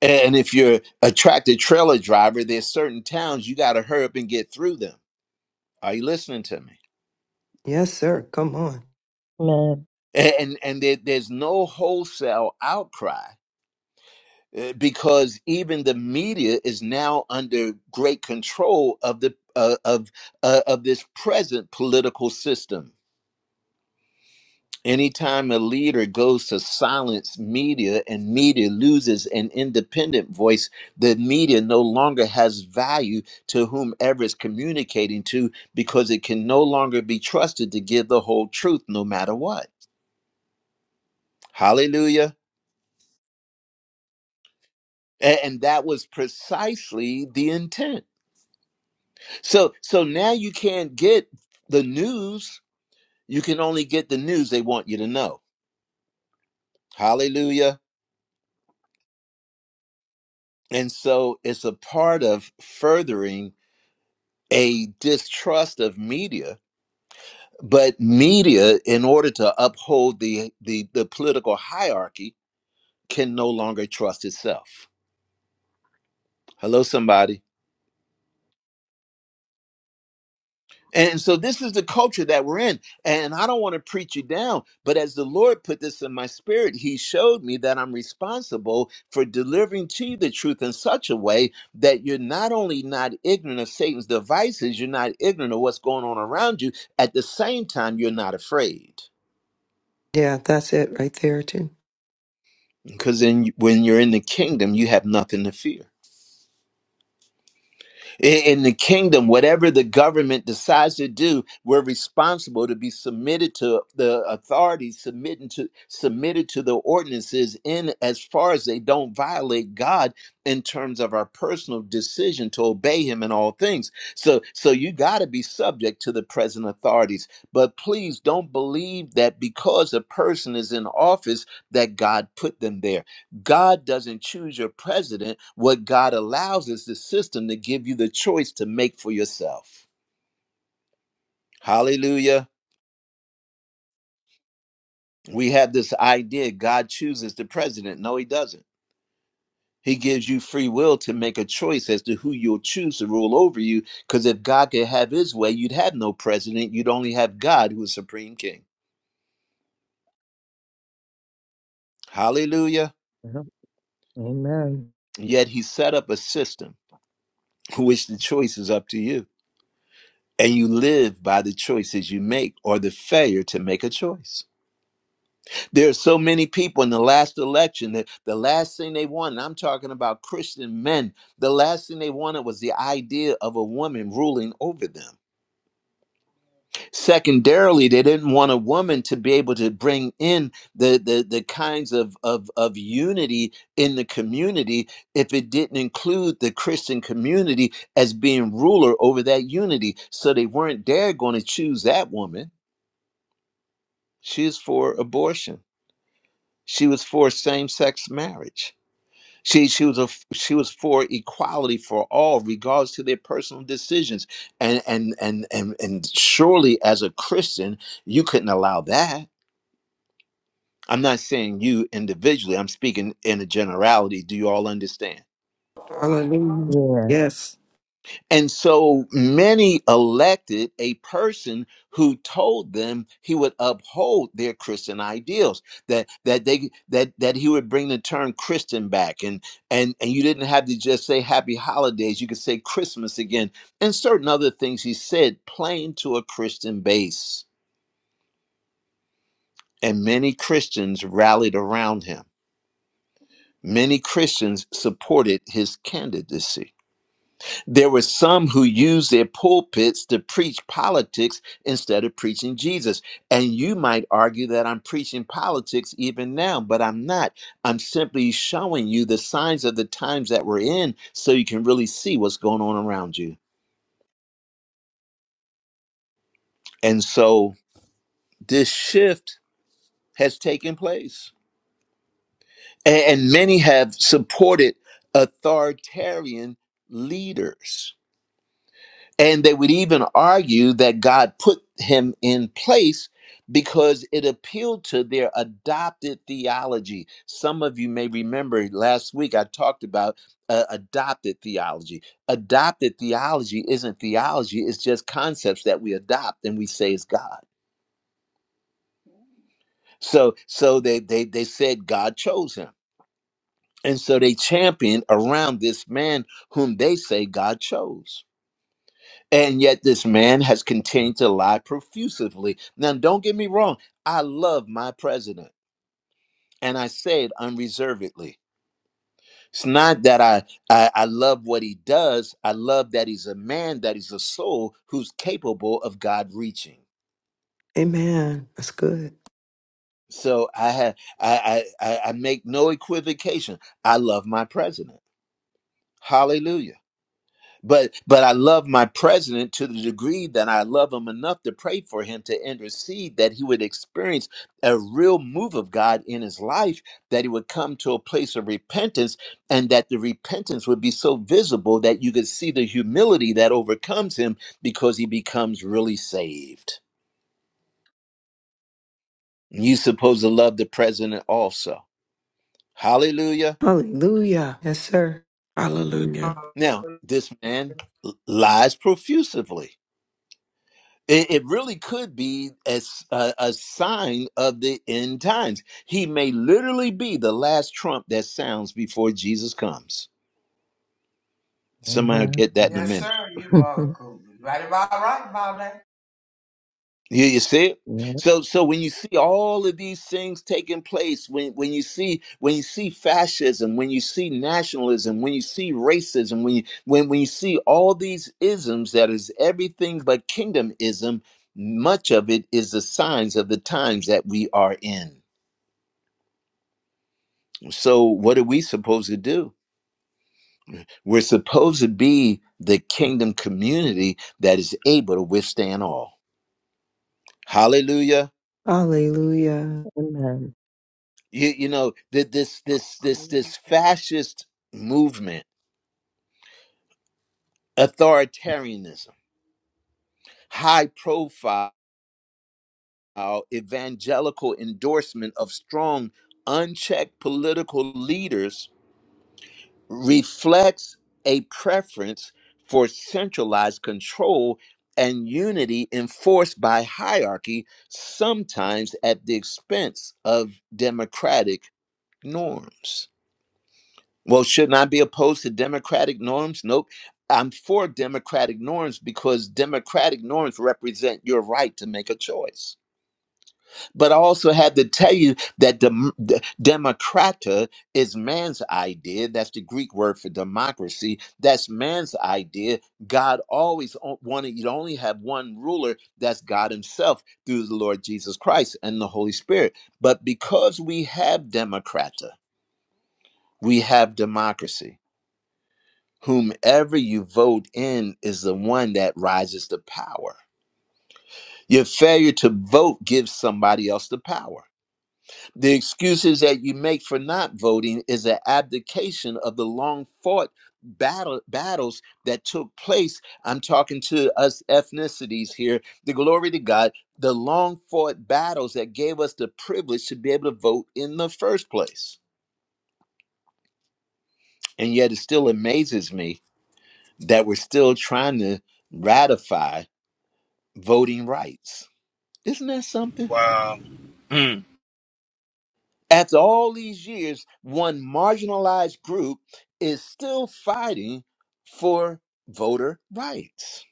A: And if you're a tractor trailer driver, there's certain towns you got to hurry up and get through them. Are you listening to me?
C: Yes, sir. Come on.
B: Amen.
A: And and there, there's no wholesale outcry uh, because even the media is now under great control of the uh, of uh, of this present political system. Anytime a leader goes to silence media and media loses an independent voice, the media no longer has value to whomever it's communicating to because it can no longer be trusted to give the whole truth no matter what. Hallelujah. A- And that was precisely the intent. So so now you can't get the news, you can only get the news they want you to know. Hallelujah. And so it's a part of furthering a distrust of media but media in order to uphold the the, the political hierarchy can no longer trust itself hello somebody and so this is the culture that we're in and i don't want to preach you down but as the lord put this in my spirit he showed me that i'm responsible for delivering to you the truth in such a way that you're not only not ignorant of satan's devices you're not ignorant of what's going on around you at the same time you're not afraid
C: Yeah, that's it right there, too.
A: Because then, you- when you're in the kingdom, you have nothing to fear. In, in the kingdom, whatever the government decides to do, we're responsible to be submitted to the authorities, submitting to submitted to the ordinances, in as far as they don't violate God in terms of our personal decision to obey Him in all things. So, so you got to be subject to the present authorities. But please don't believe that because a person is in office that God put them there God doesn't choose your president. What God allows is the system to give you the choice to make for yourself. Hallelujah. We have this idea God chooses the president. No, he doesn't. He gives you free will to make a choice as to who you'll choose to rule over you. Because if God could have his way, you'd have no president. You'd only have God, who is supreme king. Hallelujah. Yet he set up a system in which the choice is up to you. And you live by the choices you make or the failure to make a choice. There are so many people in the last election that the last thing they wanted, I'm talking about Christian men, the last thing they wanted was the idea of a woman ruling over them. Secondarily, they didn't want a woman to be able to bring in the, the, the kinds of, of, of unity in the community if it didn't include the Christian community as being ruler over that unity. So they weren't there going to choose that woman. She is for abortion, she was for same sex marriage. She she was a she was for equality for all, regards to their personal decisions, and and and and and surely as a Christian, you couldn't allow that. I'm not saying you individually. I'm speaking in a generality. Do you all understand?
E: Hallelujah.
B: Yeah.
E: Yes.
A: And so many elected a person who told them he would uphold their Christian ideals, that that they that that he would bring the term Christian back and and and you didn't have to just say happy holidays, you could say Christmas again, and certain other things he said, playing to a Christian base. And many Christians rallied around him. Many Christians supported his candidacy. There were some who used their pulpits to preach politics instead of preaching Jesus. And you might argue that I'm preaching politics even now, but I'm not. I'm simply showing you the signs of the times that we're in so you can really see what's going on around you. And so this shift has taken place. A- And many have supported authoritarian leaders And they would even argue that God put him in place because it appealed to their adopted theology. Some of you may remember last week I talked about uh, adopted theology. Adopted theology isn't theology, it's just concepts that we adopt and we say is God. So so they they they said God chose him. And so they championed around this man whom they say God chose. And yet, this man has continued to lie profusively. Now, don't get me wrong, I love my president, and I say it unreservedly. It's not that I, I, I love what he does, I love that he's a man, that he's a soul who's capable of God reaching.
C: Amen. That's good.
A: So I, have I, I, I I make no equivocation. I love my president. Hallelujah. But but I love my president to the degree that I love him enough to pray for him to intercede that he would experience a real move of God in his life, that he would come to a place of repentance, and that the repentance would be so visible that you could see the humility that overcomes him because he becomes really saved. And you supposed to love the president also. Hallelujah.
C: Hallelujah. Yes, sir.
E: Hallelujah.
A: Now, this man lies profusively It, it really could be as a, a sign of the end times. He may literally be the last trump that sounds before Jesus comes. Somebody will
B: Mhm.
A: get that in a
F: Yes,
A: minute.
F: sir. You are cool. right about right about that.
A: You, you see it?
B: yeah.
A: So, so when you see all of these things taking place, when when you see when you see fascism, when you see nationalism, when you see racism, when you when when you see all these isms that is everything but kingdomism, much of it is the signs of the times that we are in. So, what are we supposed to do? We're supposed to be the kingdom community that is able to withstand all. Hallelujah.
C: Hallelujah.
B: Amen.
A: You, you know, th- this, this, this,
F: Hallelujah.
A: this fascist movement, authoritarianism, high profile evangelical endorsement of strong, unchecked political leaders reflects a preference for centralized control and unity enforced by hierarchy, sometimes at the expense of democratic norms. Well, shouldn't I be opposed to democratic norms? Nope. I'm for democratic norms because democratic norms represent your right to make a choice. But I also had to tell you that dem- d- democrata is man's idea. That's the Greek word for democracy. That's man's idea. God always o- wanted you to only have one ruler. That's God Himself through the Lord Jesus Christ and the Holy Spirit. But because we have democrata, we have democracy. Whomever you vote in is the one that rises to power. Your failure to vote gives somebody else the power The excuses that you make for not voting is an abdication of the long fought battle battles that took place. I'm talking to us ethnicities here. The glory to God, the long fought battles that gave us the privilege to be able to vote in the first place. And yet it still amazes me that we're still trying to ratify voting rights. Isn't that something?
D: Wow. Hmm.
A: After all these years, one marginalized group is still fighting for voter rights.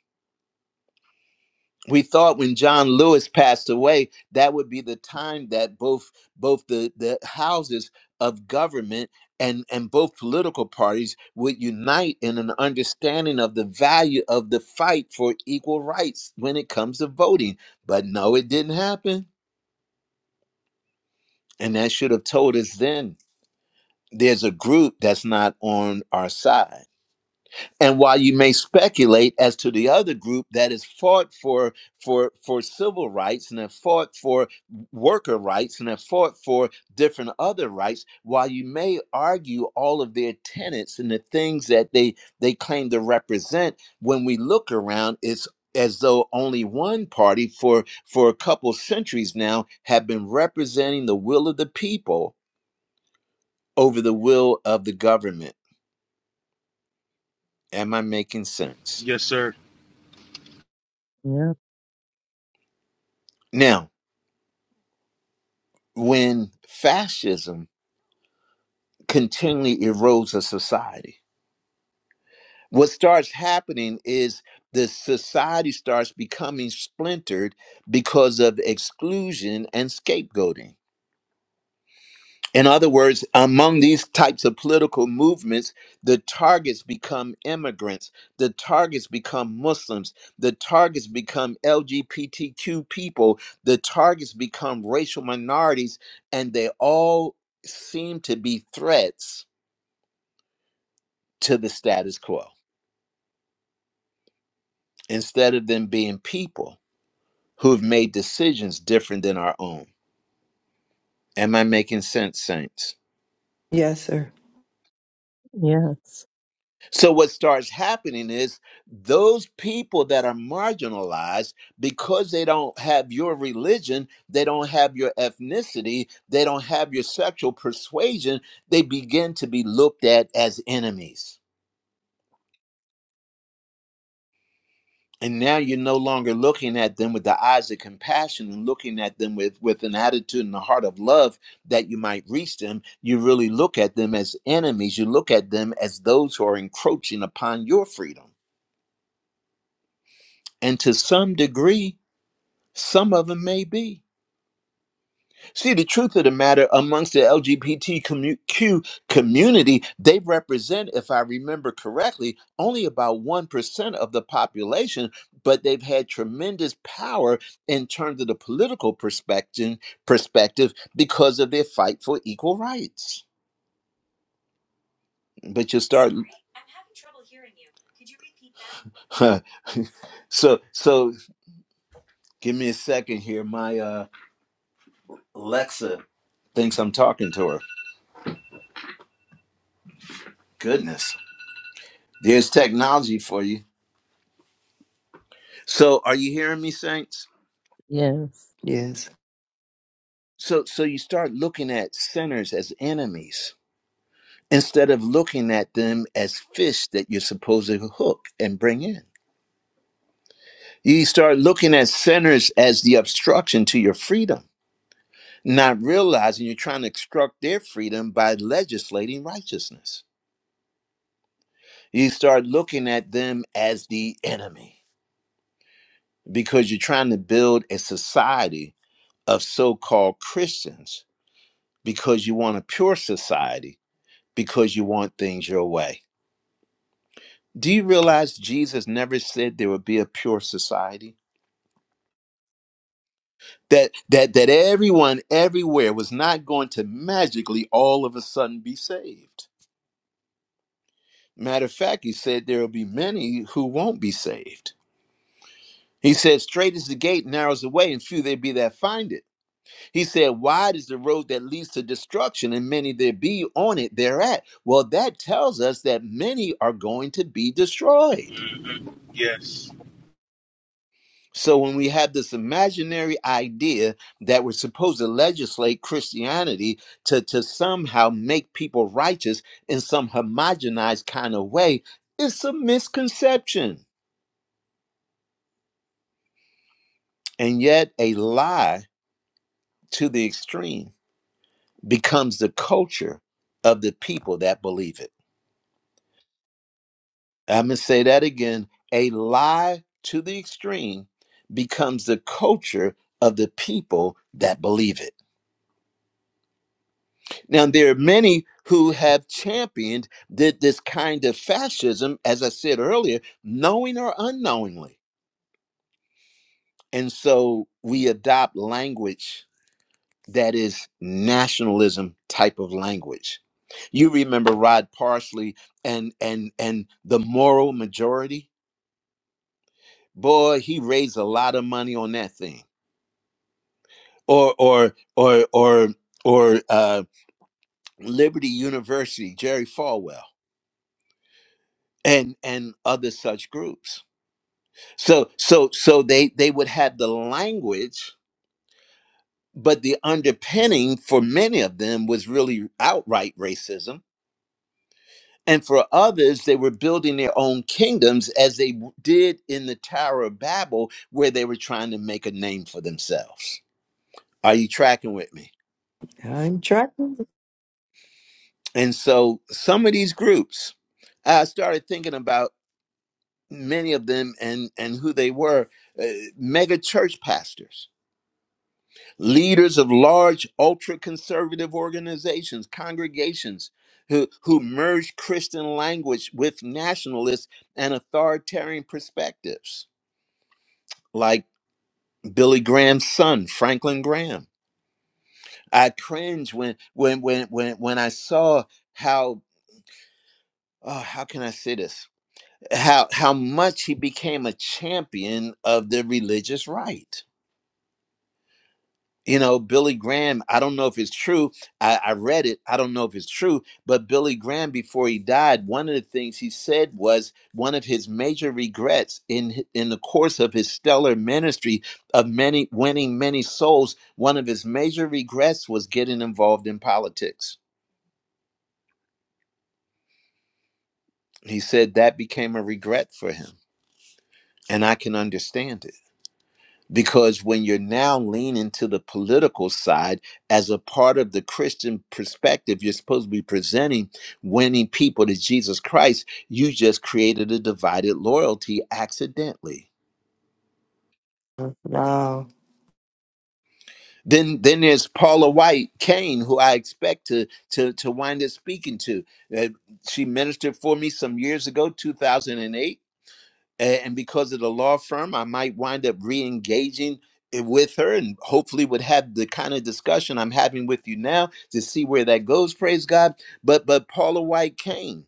A: We thought when John Lewis passed away, that would be the time that both both the, the houses of government and, and both political parties would unite in an understanding of the value of the fight for equal rights when it comes to voting. But no, it didn't happen. And that should have told us then there's a group that's not on our side and while you may speculate as to the other group that has fought for for for civil rights and have fought for worker rights and have fought for different other rights while you may argue all of their tenets and the things that they they claim to represent when we look around it's as though only one party for for a couple centuries now have been representing the will of the people over the will of the government Am I making sense?
D: Yes, sir.
B: Yep.
A: Now, when fascism continually erodes a society, what starts happening is the society starts becoming splintered because of exclusion and scapegoating. In other words, among these types of political movements, the targets become immigrants, the targets become Muslims, the targets become LGBTQ people, the targets become racial minorities, and they all seem to be threats to the status quo instead of them being people who have made decisions different than our own. Am I making sense, Saints?
C: Yes, sir.
B: Yes.
A: So, what starts happening is those people that are marginalized because they don't have your religion, they don't have your ethnicity, they don't have your sexual persuasion, they begin to be looked at as enemies. And now you're no longer looking at them with the eyes of compassion and looking at them with, with an attitude and a heart of love that you might reach them. You really look at them as enemies. You look at them as those who are encroaching upon your freedom. And to some degree, Some of them may be. See, the truth of the matter amongst the LGBTQ community, they represent, if I remember correctly, only about 1% of the population, but they've had tremendous power in terms of the political perspective, perspective because of their fight for equal rights. But you start. I'm having trouble hearing you. you Could you repeat that? so, so give me a second here. My uh, Alexa thinks I'm talking to her. Goodness. There's technology for you. So are you hearing me, saints?
B: Yes.
C: Yes.
A: So so you start looking at sinners as enemies instead of looking at them as fish that you're supposed to hook and bring in. You start looking at sinners as the obstruction to your freedom, not realizing you're trying to obstruct their freedom by legislating righteousness. You start looking at them as the enemy because you're trying to build a society of so-called Christians because you want a pure society, because you want things your way. Do you realize Jesus never said there would be a pure society? That that that everyone everywhere was not going to magically all of a sudden be saved. Matter of fact, he said there will be many who won't be saved. He said, Straight is the gate, narrow is the way, and few there be that find it. He said, Wide is the road that leads to destruction, and many there be on it thereat. Well, that tells us that many are going to be destroyed.
D: hmm Yes.
A: So when we have this imaginary idea that we're supposed to legislate Christianity to, to somehow make people righteous in some homogenized kind of way, it's a misconception. And yet a lie to the extreme becomes the culture of the people that believe it. I'm gonna say that again. A lie to the extreme becomes the culture of the people that believe it. Now, there are many who have championed thi- this kind of fascism, as I said earlier, knowing or unknowingly. And so we adopt language that is nationalism type of language. You remember Rod Parsley and and and the moral majority? Boy, he raised a lot of money on that thing. Or or or or or uh, Liberty University, Jerry Falwell, and and other such groups So so so they they would have the language, but the underpinning for many of them was really outright racism. And for others, they were building their own kingdoms as they w- did in the Tower of Babel, where they were trying to make a name for themselves. Are you tracking with me?
C: I'm tracking.
A: And so some of these groups, I started thinking about many of them and, and who they were uh, mega church pastors leaders of large ultra conservative organizations, congregations who, who merge Christian language with nationalist and authoritarian perspectives, like Billy Graham's son, Franklin Graham. I cringe when when when when when I saw how oh, how can I say this? How how much he became a champion of the religious right. you know billy graham i don't know if it's true I, I read it i don't know if it's true but billy graham before he died one of the things he said was one of his major regrets in in the course of his stellar ministry of many winning many souls one of his major regrets was getting involved in politics he said that became a regret for him and i can understand it Because when you're now leaning to the political side as a part of the Christian perspective, you're supposed to be presenting winning people to Jesus Christ. You just created a divided loyalty accidentally.
C: Wow.
A: Then, then there's Paula White Kane, who I expect to to to wind up speaking to. Uh, she ministered for me some years ago, 2008 A- and because of the law firm, I might wind up re-engaging eh, with her, and hopefully would have the kind of discussion I'm having with you now to see where that goes. Praise God! But but Paula White Kane,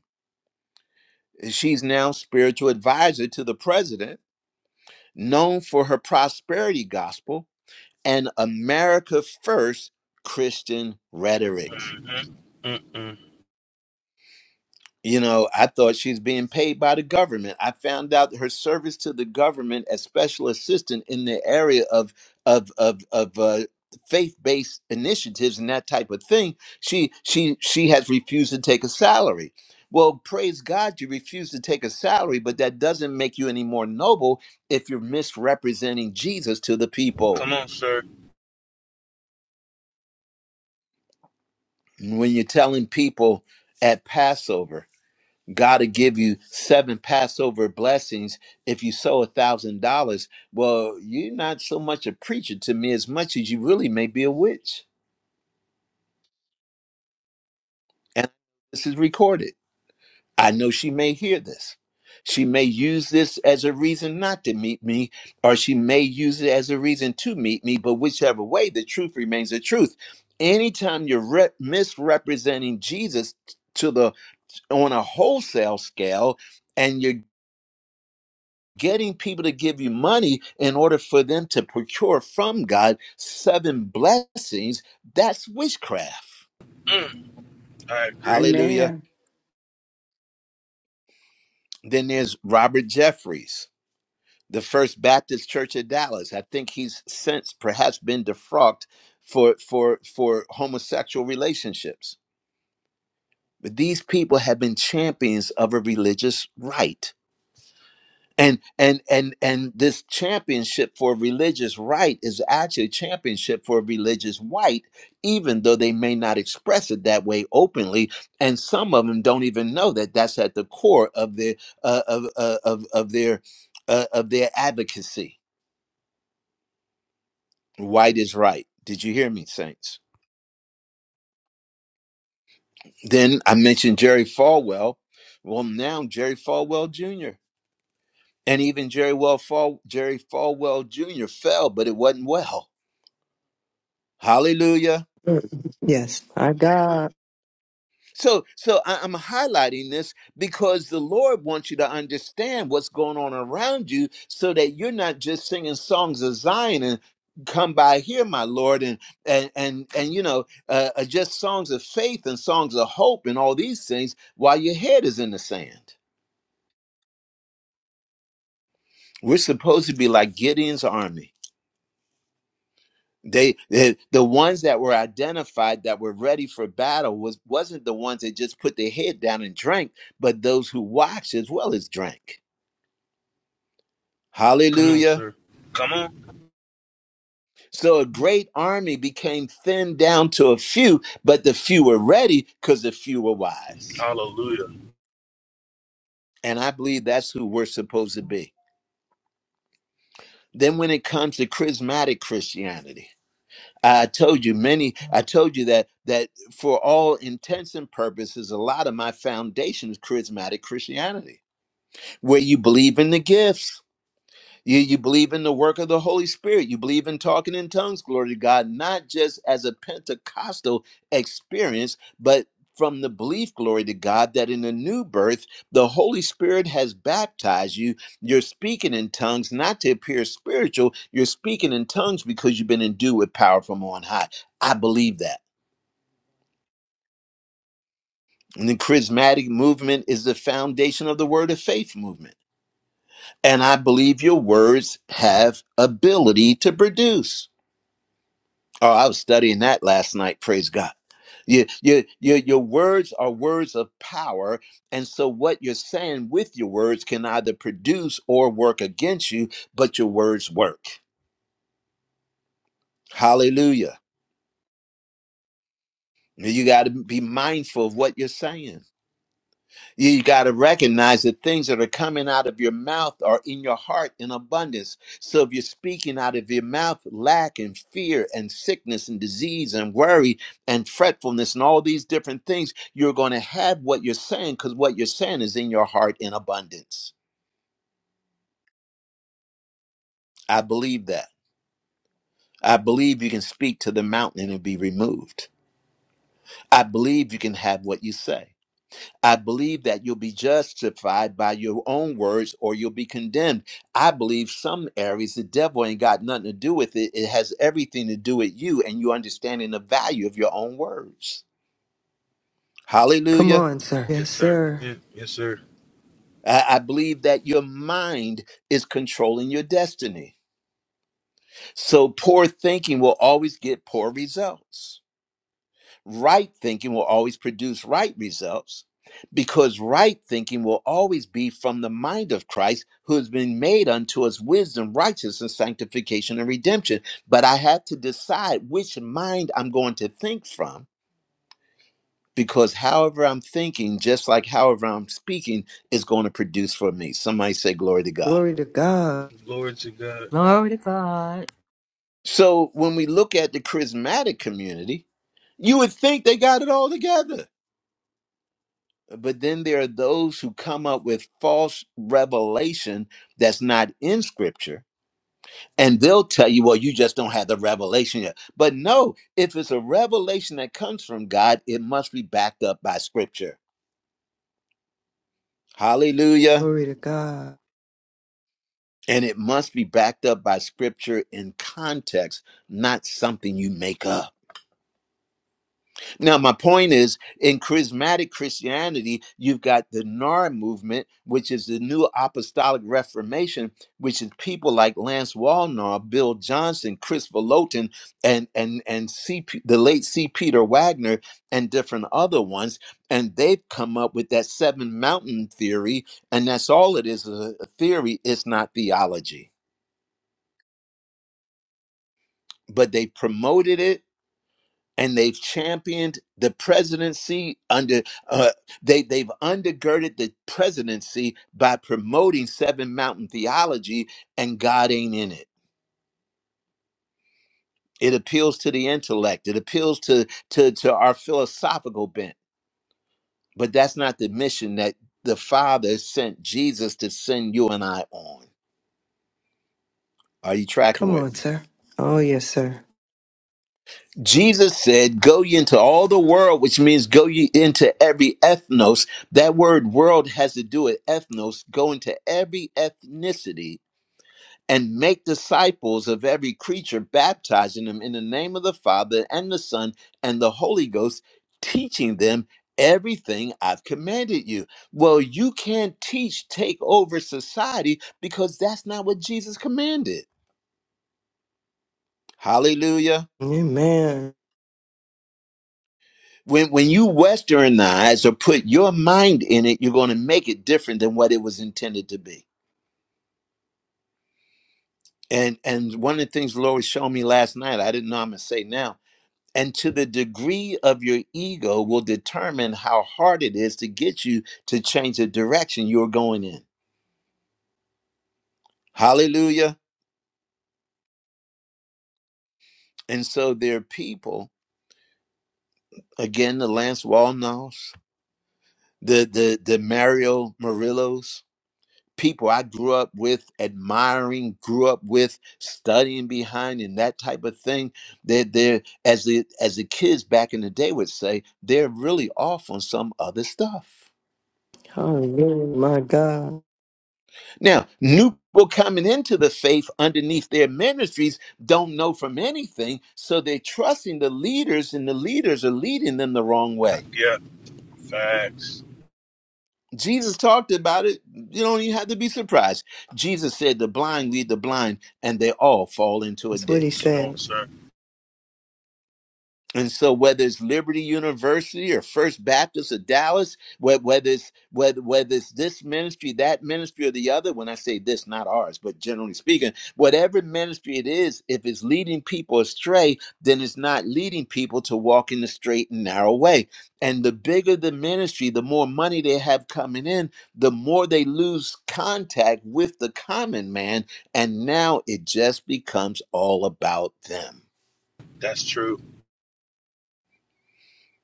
A: eh, she's now spiritual advisor to the president, known for her prosperity gospel and America First Christian
D: hmm
A: rhetoric.
D: Mm-mm.
A: You know, I thought she's being paid by the government. I found out her service to the government as special assistant in the area of of of of uh, faith-based initiatives and that type of thing. She she she has refused to take a salary. Well, praise God, you refuse to take a salary, but that doesn't make you any more noble if you're misrepresenting Jesus to the people.
D: Come on, sir.
A: When you're telling people at Passover God will give you seven Passover blessings if you sow a thousand dollars. Well, you're not so much a preacher to me as much as you really may be a witch. And this is recorded. I know she may hear this. She may use this as a reason not to meet me, or she may use it as a reason to meet me. But whichever way, the truth remains the truth. Anytime you're re- misrepresenting Jesus to the on a wholesale scale, and you're getting people to give you money in order for them to procure from God seven blessings, that's witchcraft.
D: Mm. I agree.
A: Hallelujah.
G: Amen.
A: Then there's Robert Jeffries, the First Baptist Church of Dallas. I think he's since perhaps been defrocked for for for homosexual relationships. But these people have been champions of a religious right and and and and this championship for religious right is actually a championship for religious white even though they may not express it that way openly and some of them don't even know that that's at the core of their uh, of, uh, of of their uh, of their advocacy white is right did you hear me saints then i mentioned jerry falwell well now jerry falwell jr and even jerry well fall jerry falwell jr fell but it wasn't well hallelujah
C: Yes. My God.
A: So, so I- I'm highlighting this because the Lord wants you to understand what's going on around you, so that you're not just singing songs of Zion and come by here, my Lord, and and and and you know, uh, uh, just songs of faith and songs of hope and all these things while your head is in the sand. We're supposed to be like Gideon's army. They, they the ones that were identified that were ready for battle was wasn't the ones that just put their head down and drank, but those who watched as well as drank.
D: Come on,
A: Hallelujah.
D: sir. Come on.
A: So a great army became thinned down to a few, but the few were ready because the few were wise.
D: Hallelujah.
A: And I believe that's who we're supposed to be. Then when it comes to charismatic Christianity, I told you many, I told you that that for all intents and purposes, a lot of my foundation is charismatic Christianity, where you believe in the gifts You, you believe in the work of the Holy Spirit. You believe in talking in tongues, glory to God, not just as a Pentecostal experience, but from the belief, glory to God, that in the new birth, the Holy Spirit has baptized you. You're speaking in tongues, not to appear spiritual. You're speaking in tongues because you've been endued with power from on high. I believe that. And the charismatic movement is the foundation of the word of faith movement. And I believe your words have ability to produce. Oh, I was studying that last night. Praise God. Your, your, your, your words are words of power. And so, what you're saying with your words can either produce or work against you, but your words work. Hallelujah. You got to be mindful of what you're saying. You, got to recognize that things that are coming out of your mouth are in your heart in abundance. So if you're speaking out of your mouth lack and fear and sickness and disease and worry and fretfulness and all these different things, you're going to have what you're saying because what you're saying is in your heart in abundance. I believe that. I believe you can speak to the mountain and it'll be removed. I believe you can have what you say. I believe that you'll be justified by your own words or you'll be condemned. I believe some areas the devil ain't got nothing to do with it. It has everything to do with you and you understanding the value of your own words.
C: Come
A: Hallelujah.
C: on, sir. Yes,
D: Yes, sir.
C: sir.
D: Yeah. Yes, sir.
A: I I believe that your mind is controlling your destiny. So poor thinking will always get poor results. Right thinking will always produce right results because right thinking will always be from the mind of Christ who has been made unto us wisdom, righteousness, sanctification, and redemption. But I have to decide which mind I'm going to think from because however I'm thinking, just like however I'm speaking, is going to produce for me. Somebody say, Glory to God.
C: Glory to God.
D: Glory to God.
H: Glory to God.
A: So when we look at the charismatic community, you would think they got it all together but then there are those who come up with false revelation that's not in scripture and they'll tell you well you just don't have the revelation yet but no if it's a revelation that comes from god it must be backed up by scripture hallelujah
C: Glory to God.
A: and it must be backed up by scripture in context not something you make up Now, my point is in charismatic Christianity, you've got the NAR movement, which is the new apostolic reformation, which is people like Lance Walnar, Bill Johnson, Chris Volotin, and and and C. P., the late C. Peter Wagner and different other ones. And they've come up with that seven mountain theory, and that's all it is, a theory, it's not theology. But they promoted it and they've championed the presidency under uh, they they've undergirded the presidency by promoting seven mountain theology and god ain't in it it appeals to the intellect it appeals to to to our philosophical bent but that's not the mission that the father sent jesus to send you and i on are you tracking
C: Come
A: with
C: on,
A: me
C: sir. Oh, yes, sir.
A: Jesus said, Go ye into all the world, which means go ye into every ethnos. That word world has to do with ethnos. Go into every ethnicity and make disciples of every creature, baptizing them in the name of the Father and the Son and the Holy Ghost, teaching them everything I've commanded you. Well, you can't teach, take over society because that's not what Jesus commanded. Hallelujah.
C: Amen.
A: when when you westernize or put your mind in it you're going to make it different than what it was intended to be and and one of the things the lord was showing me last night i didn't know i'm going to say now and to the degree of your ego will determine how hard it is to get you to change the direction you're going in hallelujah and so there are people again the lance walnos the the the mario murillos people I grew up with, admiring, grew up with, studying behind, and that type of thing. They're, they're as the as the kids back in the day would say, they're really off on some other stuff.
C: Hallelujah. My God.
A: Now, new people coming into the faith underneath their ministries don't know from anything, so they're trusting the leaders, and the leaders are leading them the wrong way.
D: Facts.
A: Jesus talked about it. You don't even have to be surprised. Jesus said, The blind lead the blind, and they all fall into a
C: That's what he
A: ditch.
D: Come
C: said.
D: on, sir.
A: And so, whether it's Liberty University or First Baptist of Dallas, whe- whether it's whether whether it's this ministry, that ministry, or the other, when I say this, not ours, but generally speaking, whatever ministry it is, if it's leading people astray, then it's not leading people to walk in the straight and narrow way. And the bigger the ministry, the more money they have coming in, the more they lose contact with the common man, and now it just becomes all about them.
D: That's true.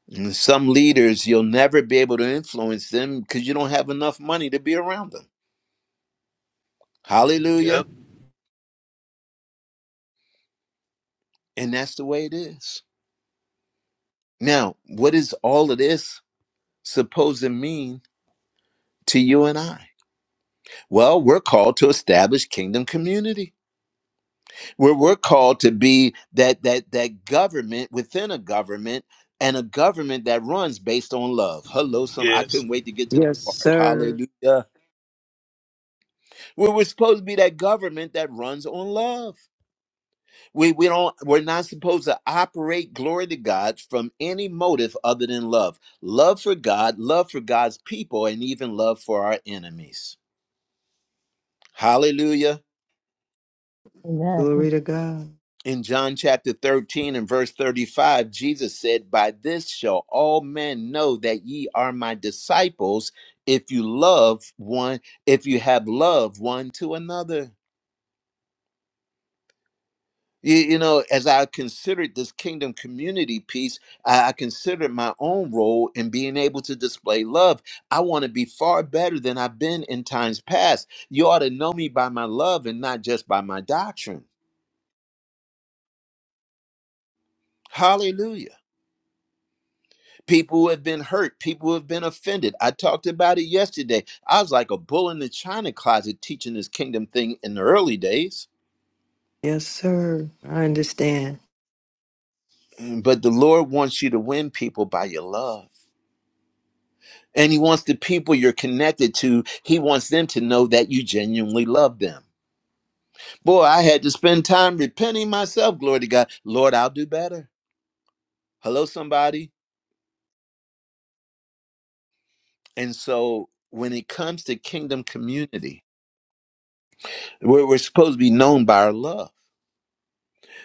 A: And some leaders, you'll never be able to influence them because you don't have enough money to be around them. Hallelujah.
D: Yep.
A: And that's the way it is. Now, what is all of this supposed to mean to you and I? Well, we're called to establish kingdom community. Where we're we're called to be that that that government within a government and a government that runs based on love. Hello, some I
D: Yes.
A: couldn't wait to get to that
C: Yes,
A: part.
C: sir.
A: Hallelujah. Where we're supposed to be that government that runs on love We we don't we're not supposed to operate glory to God from any motive other than love. Love for God, love for God's people, and even love for our enemies. Hallelujah.
B: Amen.
C: Glory to God.
A: In John chapter 13 and verse 35, Jesus said, By this shall all men know that ye are my disciples if you love one, if you have love one to another. You, you know, as I considered this kingdom community piece, I, I considered my own role in being able to display love. I want to be far better than I've been in times past. You ought to know me by my love and not just by my doctrine. Hallelujah. People who have been hurt, people who have been offended. I talked about it yesterday. I was like a bull in the china closet teaching this kingdom thing in the early days.
C: Yes, sir. I understand.
A: Mm, But the Lord wants you to win people by your love. And he wants the people you're connected to, he wants them to know that you genuinely love them. Boy, I had to spend time repenting myself. Glory to God. Lord, I'll do better. Hello, somebody. And so when it comes to kingdom community, we're, we're supposed to be known by our love.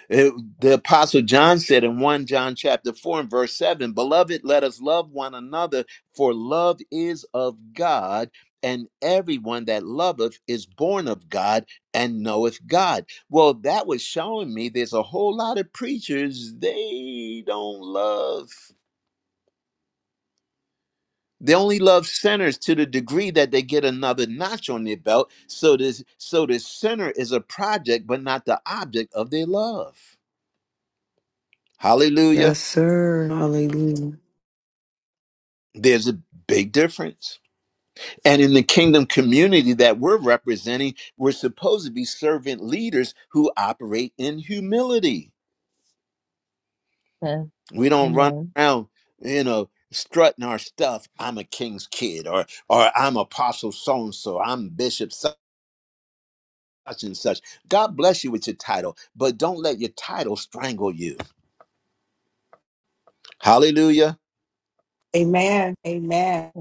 A: It- the apostle John said in 1 John chapter 4 and verse 7, "Beloved, let us love one another, for love is of God, and everyone that loveth is born of God and knoweth God." Well, that was showing me there's a whole lot of preachers they don't love. They only love sinners to the degree that they get another notch on their belt. So this so the sinner is a project but not the object of their love. Hallelujah.
C: Yes, sir. Hallelujah.
A: There's a big difference. And in the kingdom community that we're representing, we're supposed to be servant leaders who operate in humility.
B: Amen.
A: We don't run
B: Amen.
A: around, you know, strutting our stuff. I'm a king's kid, or or I'm apostle so and so, I'm bishop such and such. God bless you with your title, but don't let your title strangle you. Hallelujah.
G: Amen. Amen.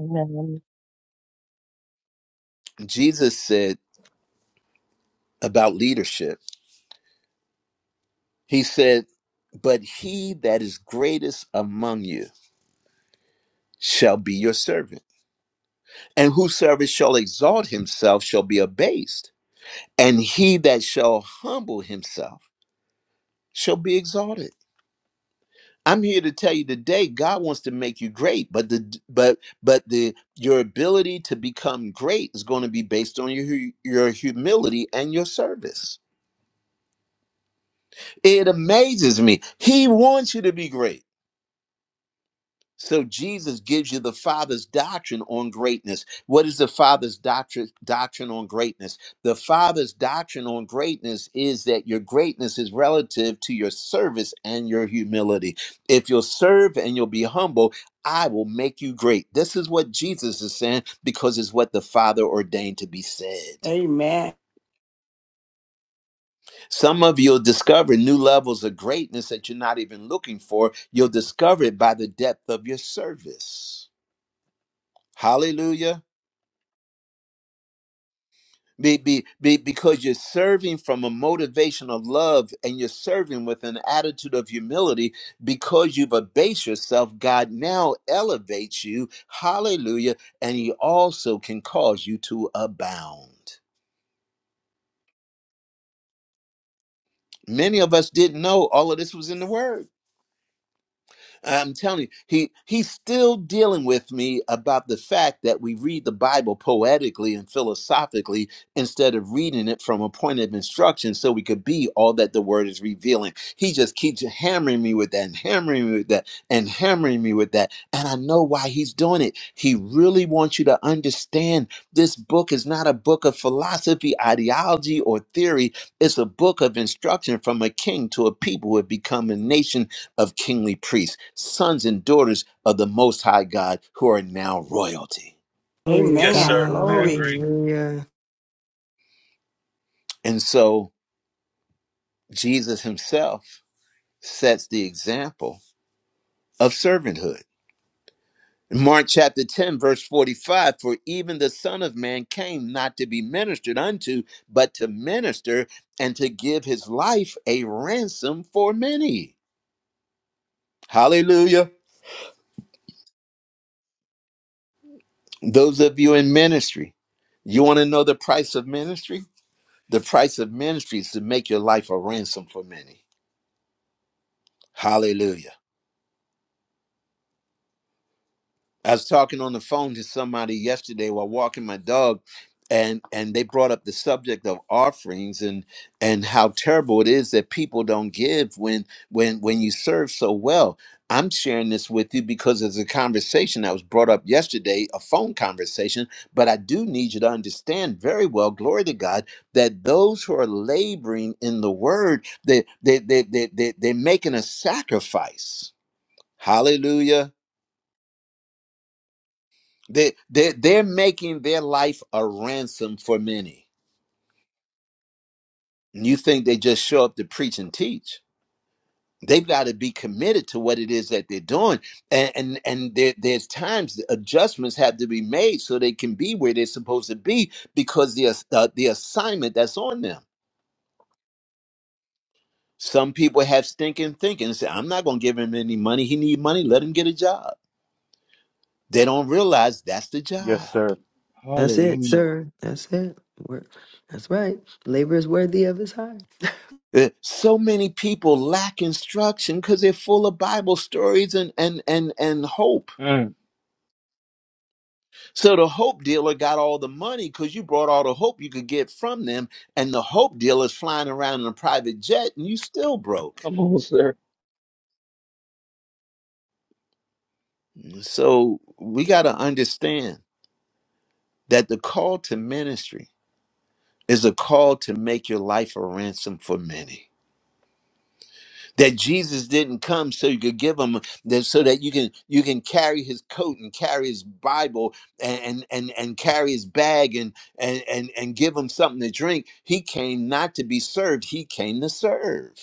A: Jesus said about leadership, He said, But he that is greatest among you shall be your servant. And whosoever shall exalt himself shall be abased, and he that shall humble himself shall be exalted. I'm here to tell you today God wants to make you great, but the but but the your ability to become great is going to be based on your hu- your humility and your service. It amazes me. He wants you to be great So Jesus gives you the Father's doctrine on greatness. What is the Father's doctrine doctrine on greatness? The Father's doctrine on greatness is that your greatness is relative to your service and your humility. If you'll serve and you'll be humble, I will make you great. This is what Jesus is saying because it's what the Father ordained to be said.
G: Amen.
A: Some of you'll discover new levels of greatness that you're not even looking for. You'll discover it by the depth of your service. Hallelujah. Be, be, be, because you're serving from a motivation of love and you're serving with an attitude of humility because you've abased yourself, God now elevates you. Hallelujah. And He also can cause you to abound. Many of us didn't know all of this was in the Word. I'm telling you, he he's still dealing with me about the fact that we read the Bible poetically and philosophically instead of reading it from a point of instruction so we could be all that the word is revealing. He just keeps hammering me with that and hammering me with that and hammering me with that. And I know why he's doing it. He really wants you to understand this book is not a book of philosophy, ideology, or theory. It's a book of instruction from a king to a people who have become a nation of kingly priests, sons and daughters of the Most High God who are now royalty.
C: Glory to
D: Yes,
G: Amen.
D: sir.
C: God.
D: I
G: Glory.
D: agree.
C: Hallelujah.
A: And so Jesus himself sets the example of servanthood. Mark chapter 10, verse 45 For even the Son of Man came not to be ministered unto, but to minister and to give his life a ransom for many. Hallelujah. Those of you in ministry, you want to know the price of ministry? The price of ministry is to make your life a ransom for many. Hallelujah. I was talking on the phone to somebody yesterday while walking my dog, and and they brought up the subject of offerings and and how terrible it is that people don't give when when when you serve so well. I'm sharing this with you because it's a conversation that was brought up yesterday, a phone conversation. But I do need you to understand very well, glory to God, that those who are laboring in the word, they they they they, they they're making a sacrifice. Hallelujah. They they they're making their life a ransom for many. And you think they just show up to preach and teach? They've got to be committed to what it is that they're doing, and and and there, there's times that adjustments have to be made so they can be where they're supposed to be because the ass- uh, the assignment that's on them. Some people have stinking thinking. and Say, I'm not going to give him any money. He need money. Let him get a job. They don't realize that's the
D: Yes,
A: job.
D: sir.
C: That's it,
D: Hallelujah.
C: sir. That's it. Work. That's right. Labor is worthy of his hire.
A: Uh, so many people lack instruction because they're full of bible stories and and and and hope
D: Mm.
A: so the hope dealer got all the money because you brought all the hope you could get from them and the hope dealer's flying around in a private jet and you still broke
D: Come on, sir.
A: so we got to understand that the call to ministry is a call to make your life a ransom for many that Jesus didn't come so you could give him that so that you can you can carry his coat and carry his Bible and and and carry his bag and and and, and give him something to drink. He came not to be served, he came to serve.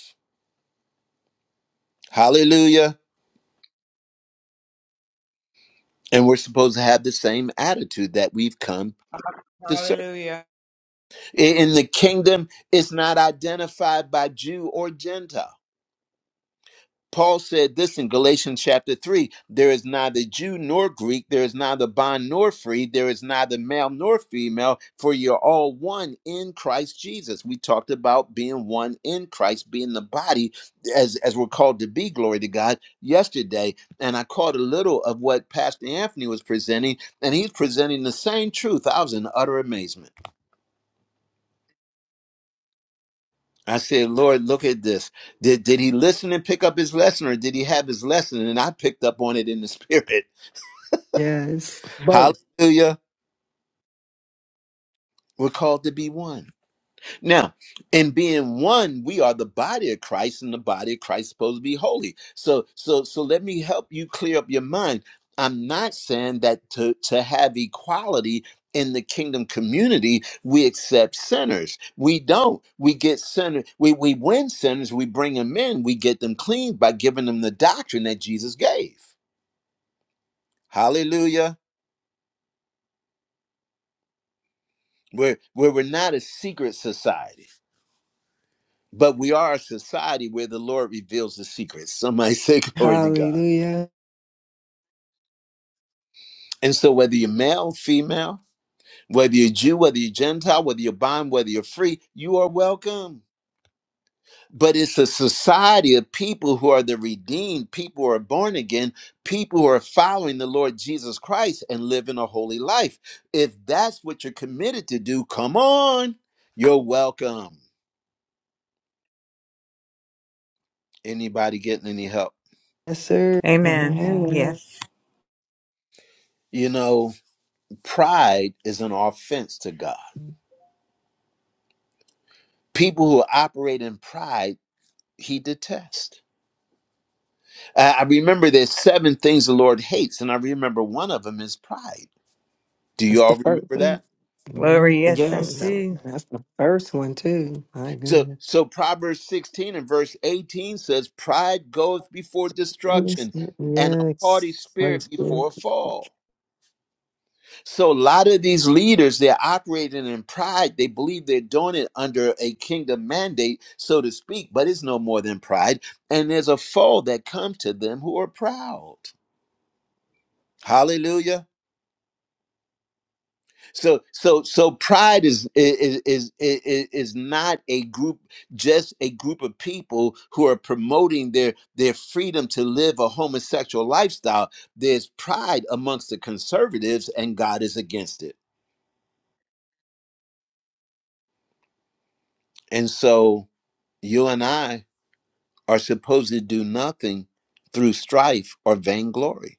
A: Hallelujah. And we're supposed to have the same attitude that we've come to serve.
F: Hallelujah.
A: I- In the kingdom, it's not identified by Jew or Gentile. Paul said this in Galatians chapter 3 there is neither Jew nor Greek, there is neither bond nor free, there is neither male nor female, for you're all one in Christ Jesus. We talked about being one in Christ, being the body as, as we're called to be, glory to God, yesterday. And I caught a little of what Pastor Anthony was presenting, and he's presenting the same truth. I was in utter amazement. I said, Lord, look at this. Did, did he listen and pick up his lesson, or did he have his lesson? And I picked up on it in the spirit.
C: Yes, both.
A: Hallelujah. We're called to be one. Now, in being one, we are the body of Christ, and the body of Christ is supposed to be holy. So, so, so let me help you clear up your mind. I'm not saying that to, to have equality in the kingdom community, we accept sinners. We don't. We get sinners. We, we win sinners. We bring them in. We get them clean by giving them the doctrine that Jesus gave. Hallelujah. We're, we're, we're not a secret society. But we are a society where the Lord reveals the secrets. Somebody say, Glory to God.
C: Hallelujah.
A: And so, whether you're male, female, whether you're Jew, whether you're Gentile, whether you're bond, whether you're free, you are welcome. But it's a society of people who are the redeemed, people who are born again, people who are following the Lord Jesus Christ and living a holy life. If that's what you're committed to do, come on, you're welcome. Anybody getting any help?
C: Yes, sir.
H: Amen.
E: Amen.
C: Amen.
H: Yes.
A: You know, pride is an offense to God. people who operate in pride he detests i I remember there's seven things the lord hates and i remember one of them is pride do
C: That's
A: you
C: the
A: all
C: first
A: remember
C: one.
A: that
C: Mhm.
H: Glory, yes,
E: Yes.
C: Well,
H: indeed.
C: That's the first one, too. My
A: so
C: goodness.
A: so proverbs 16 and verse 18 says pride goeth before
C: Holy
A: destruction
C: Spirit.
A: and a haughty
C: Yes. Holy
A: spirit before
C: Spirit.
A: a fall so a lot of these leaders they're operating in pride they believe they're doing it under a kingdom mandate so to speak but it's no more than pride and there's a fall that comes to them who are proud Hallelujah. So so so pride is is is is is not a group just a group of people who are promoting their their freedom to live a homosexual lifestyle. There's pride amongst the conservatives and God is against it. And so you and I are supposed to do nothing through strife or vainglory.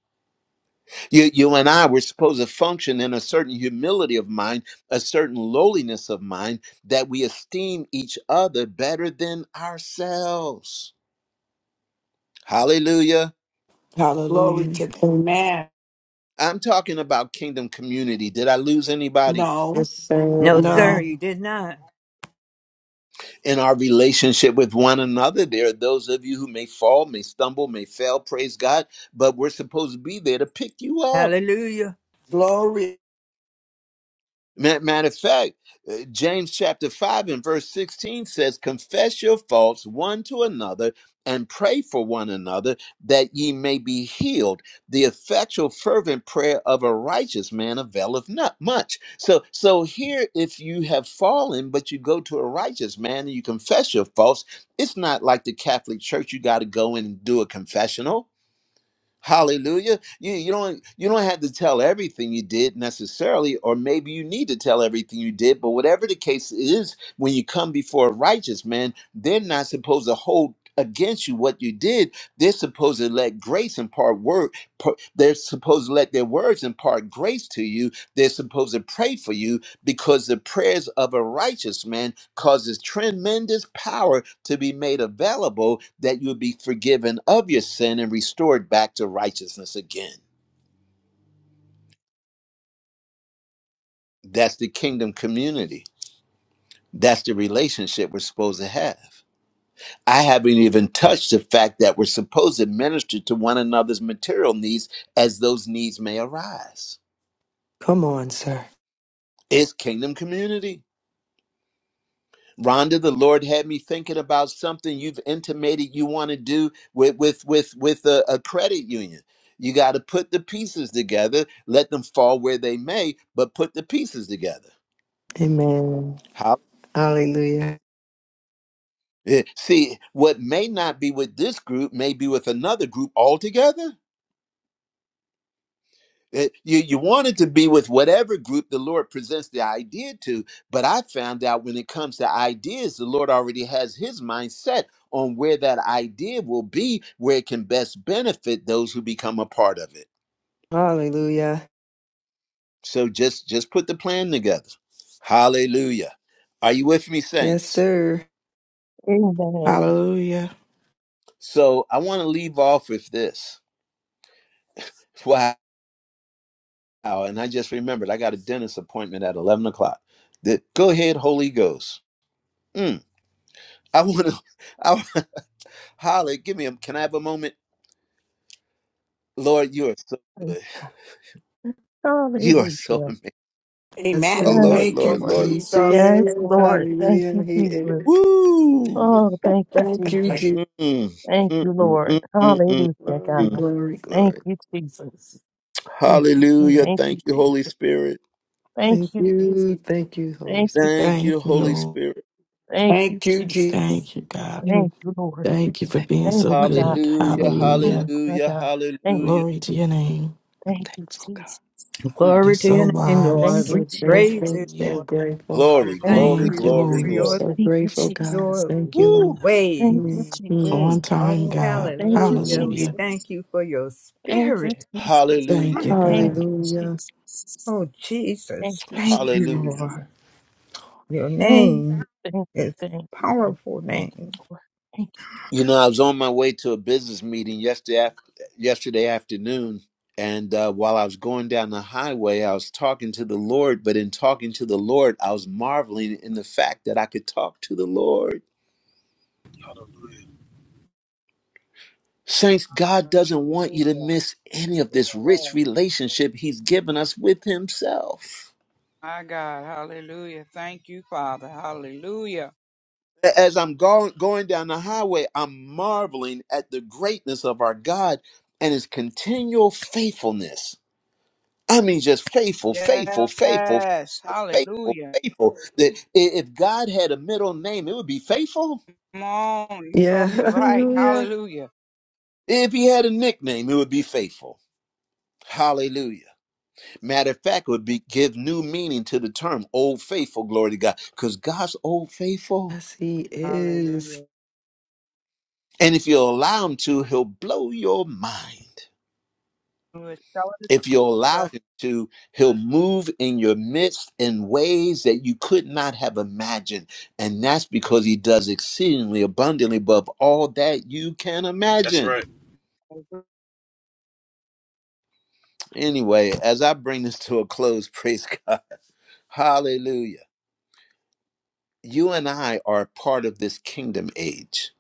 A: You, you and I were supposed to function in a certain humility of mind, a certain lowliness of mind, that we esteem each other better than ourselves. Hallelujah.
G: Glory
E: Hallelujah.
G: to God. Amen.
A: I'm talking about kingdom community. Did I lose anybody
G: No.
C: Yes, sir.
H: No, sir,
E: No.
H: you did not.
A: in our relationship with one another? There are those of you who may fall, may stumble, may fail, praise God, but we're supposed to be there to pick you up.
H: Hallelujah.
G: Glory.
A: Ma- Matter of fact, uh, James chapter 5 and verse 16 says, Confess your faults one to another and pray for one another that ye may be healed. The effectual, fervent prayer of a righteous man availeth not much. So, so here, if you have fallen, but you go to a righteous man and you confess your faults, it's not like the Catholic Church, you got to go in and do a confessional Hallelujah. You you don't you don't have to tell everything you did necessarily, or maybe you need to tell everything you did, but whatever the case is, when you come before a righteous man, they're not supposed to hold against you what you did. They're supposed to let grace impart word par- they're supposed to let their words impart grace to you. They're supposed to pray for you because the prayers of a righteous man causes tremendous power to be made available that you'll be forgiven of your sin and restored back to righteousness again. That's the kingdom community. That's the relationship we're supposed to have. I haven't even touched the fact that we're supposed to minister to one another's material needs as those needs may arise.
C: Come on, sir.
A: It's kingdom community. Rhonda, the Lord had me thinking about something you've intimated you want to do with with with with a, a credit union. You got to put the pieces together, let them fall where they may, but put the pieces together.
C: Amen.
A: How?
C: Hallelujah.
A: eh, See, what may not be with this group may be with another group altogether. It- you, you wanted to be with whatever group the Lord presents the idea to, but I found out when it comes to ideas, the Lord already has his mindset on where that idea will be, where it can best benefit those who become a part of it.
C: Hallelujah.
A: So just just put the plan together. Hallelujah. Are you with me,
C: Yes,
A: saints?
C: sir.
B: Amen.
E: Hallelujah.
A: So I want to leave off with this. Wow. And I just remembered I got a dentist appointment at 11 o'clock. That go ahead, Holy Ghost. Mm, I want to. Holler, give me a, can I have a moment? Lord, you are so
B: Amen.
A: good. You are so,
B: Hallelujah.
C: Yes,
G: Amen.
A: oh,
C: sir.
B: Yes,
A: Lord,
G: Thank
A: Lord,
G: you,
A: Lord.
B: Lord.
C: Yes, he
G: Jesus.
B: Yes,
C: is.
B: Lord. Thank
C: Hallelujah.
B: you,
C: He
B: Jesus.
C: is.
A: Woo!
B: Oh, thank you,
G: Thank you,
B: Jesus.
G: Jesus.
A: Mm, mm,
B: Thank
A: mm,
B: you, Lord.
A: mm, mm, mm,
B: Hallelujah,
C: Glory,
B: God.
A: mm.
C: glory,
B: Thank
C: glory.
B: you, Jesus. Oh,
A: Hallelujah.
B: thank you,
A: Thank you, Holy
B: Jesus.
A: Spirit.
C: Thank
B: Thank you, Jesus.
C: you. Thank you, Holy
B: Thank
C: Spirit.
B: you,
A: Thank
B: Jesus.
A: you,
E: Thank you,
A: Holy
E: Lord.
A: Spirit.
B: Thank you,
G: Thank you, Jesus.
B: Jesus.
E: Thank you, God.
B: Thank
C: Mm,
B: you, Lord.
E: Thank you for
C: thank-
E: being
B: Thank
E: so
B: you, God.
E: good.
A: Hallelujah,
B: Mm,
E: Hallelujah.
B: my
A: hallelujah,
B: God. Thank
A: hallelujah.
B: you.
E: Glory to your name.
C: I'm
B: Thank you,
C: thankful, God.
B: Jesus.
A: Mm.
E: You're
H: Glory to
E: so
H: your name,
B: Thank
H: Lord.
E: wise.
H: We
C: So
B: you,
H: praise
B: Jesus.
C: grateful,
H: you,
C: so
H: Lord.
E: Hallelujah.
C: grateful.
H: We
A: Glory,
D: Hallelujah.
B: Thank
H: thank
A: glory,
B: you,
E: Thank you,
H: you
A: glory,
B: Jesus.
H: for
E: Lord.
C: I'm
H: your,
A: glory.
C: so
B: Thank you,
C: grateful, God.
B: Jesus.
H: your
C: Thank you, Lord.
A: Woo!
B: Thank you,
H: ways.
B: Jesus.
C: hmm
E: On
A: Mm.
E: time,
H: Oh,
E: God.
B: Thank you,
H: hallelujah. We
E: Hallelujah.
B: Jesus.
H: thank you for your
B: Thank you,
H: spirit.
B: Jesus.
E: Thank
A: Hallelujah,
E: you,
B: Thank
E: God.
B: you,
C: Hallelujah.
B: Jesus.
H: Oh,
B: Thank
H: Jesus.
B: you,
H: Thank
B: Jesus.
H: you,
A: hallelujah.
H: Lord. Your
B: Thank
H: name
B: you, thank you,
H: is
B: thank you, thank
H: powerful
B: you, thank
H: name.
B: you, Lord. Thank you,
A: You know, I was on my way to a business meeting yesterday af- yesterday afternoon, and uh, while I was going down the highway, I was talking to the Lord. But in talking to the Lord, I was marveling in the fact that I could talk to the Lord.
D: Hallelujah.
A: Saints, God doesn't want you to
F: Hallelujah.
A: miss any of
F: Yes,
A: this rich
F: sir.
A: relationship He's given us with Himself.
F: My God. Hallelujah. Thank you, Father. Hallelujah.
A: A- As I'm go- going down the highway, I'm marveling at the greatness of our God and His continual faithfulness. I mean, just faithful, faithful, faithful,
F: Yes.
A: faithful,
F: Hallelujah.
A: faithful. That i- if God had a middle name, it would be faithful.
F: Come on. You're
C: Yeah,
F: talking right.
C: hallelujah.
F: Hallelujah.
A: If he had a nickname, it would be faithful. Hallelujah. Matter of fact, it would be give new meaning to the term old faithful, glory to God. Because God's old faithful.
C: Yes, He is.
F: Hallelujah.
A: And if you allow him to, he'll blow your mind.
F: We're telling the
A: If you
F: truth,
A: allow him to, he'll move in your midst in ways that you could not have imagined. And that's because he does exceedingly abundantly above all that you can
D: That's
A: imagine.
D: right.
F: sir.
A: Anyway, as I bring this to a close, praise God. Hallelujah. You and I are part of this kingdom age.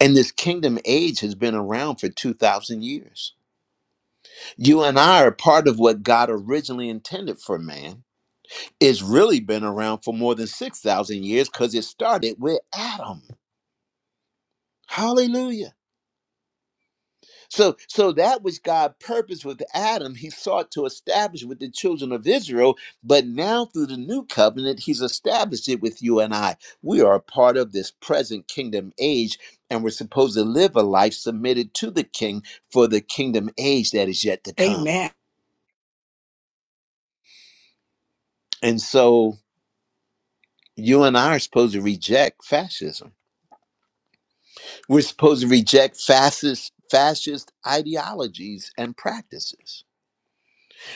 A: And this kingdom age has been around for 2,000 years. You and I are part of what God originally intended for man. It's really been around for more than 6,000 years because it started with Adam. Hallelujah. So, so that which God purposed with Adam, he sought to establish with the children of Israel, but now through the new covenant, he's established it with you and I. We are a part of this present kingdom age, and we're supposed to live a life submitted to the king for the kingdom age that is yet to come.
G: Amen.
A: And so you and I are supposed to reject fascism. We're supposed to reject fascist fascist ideologies and practices.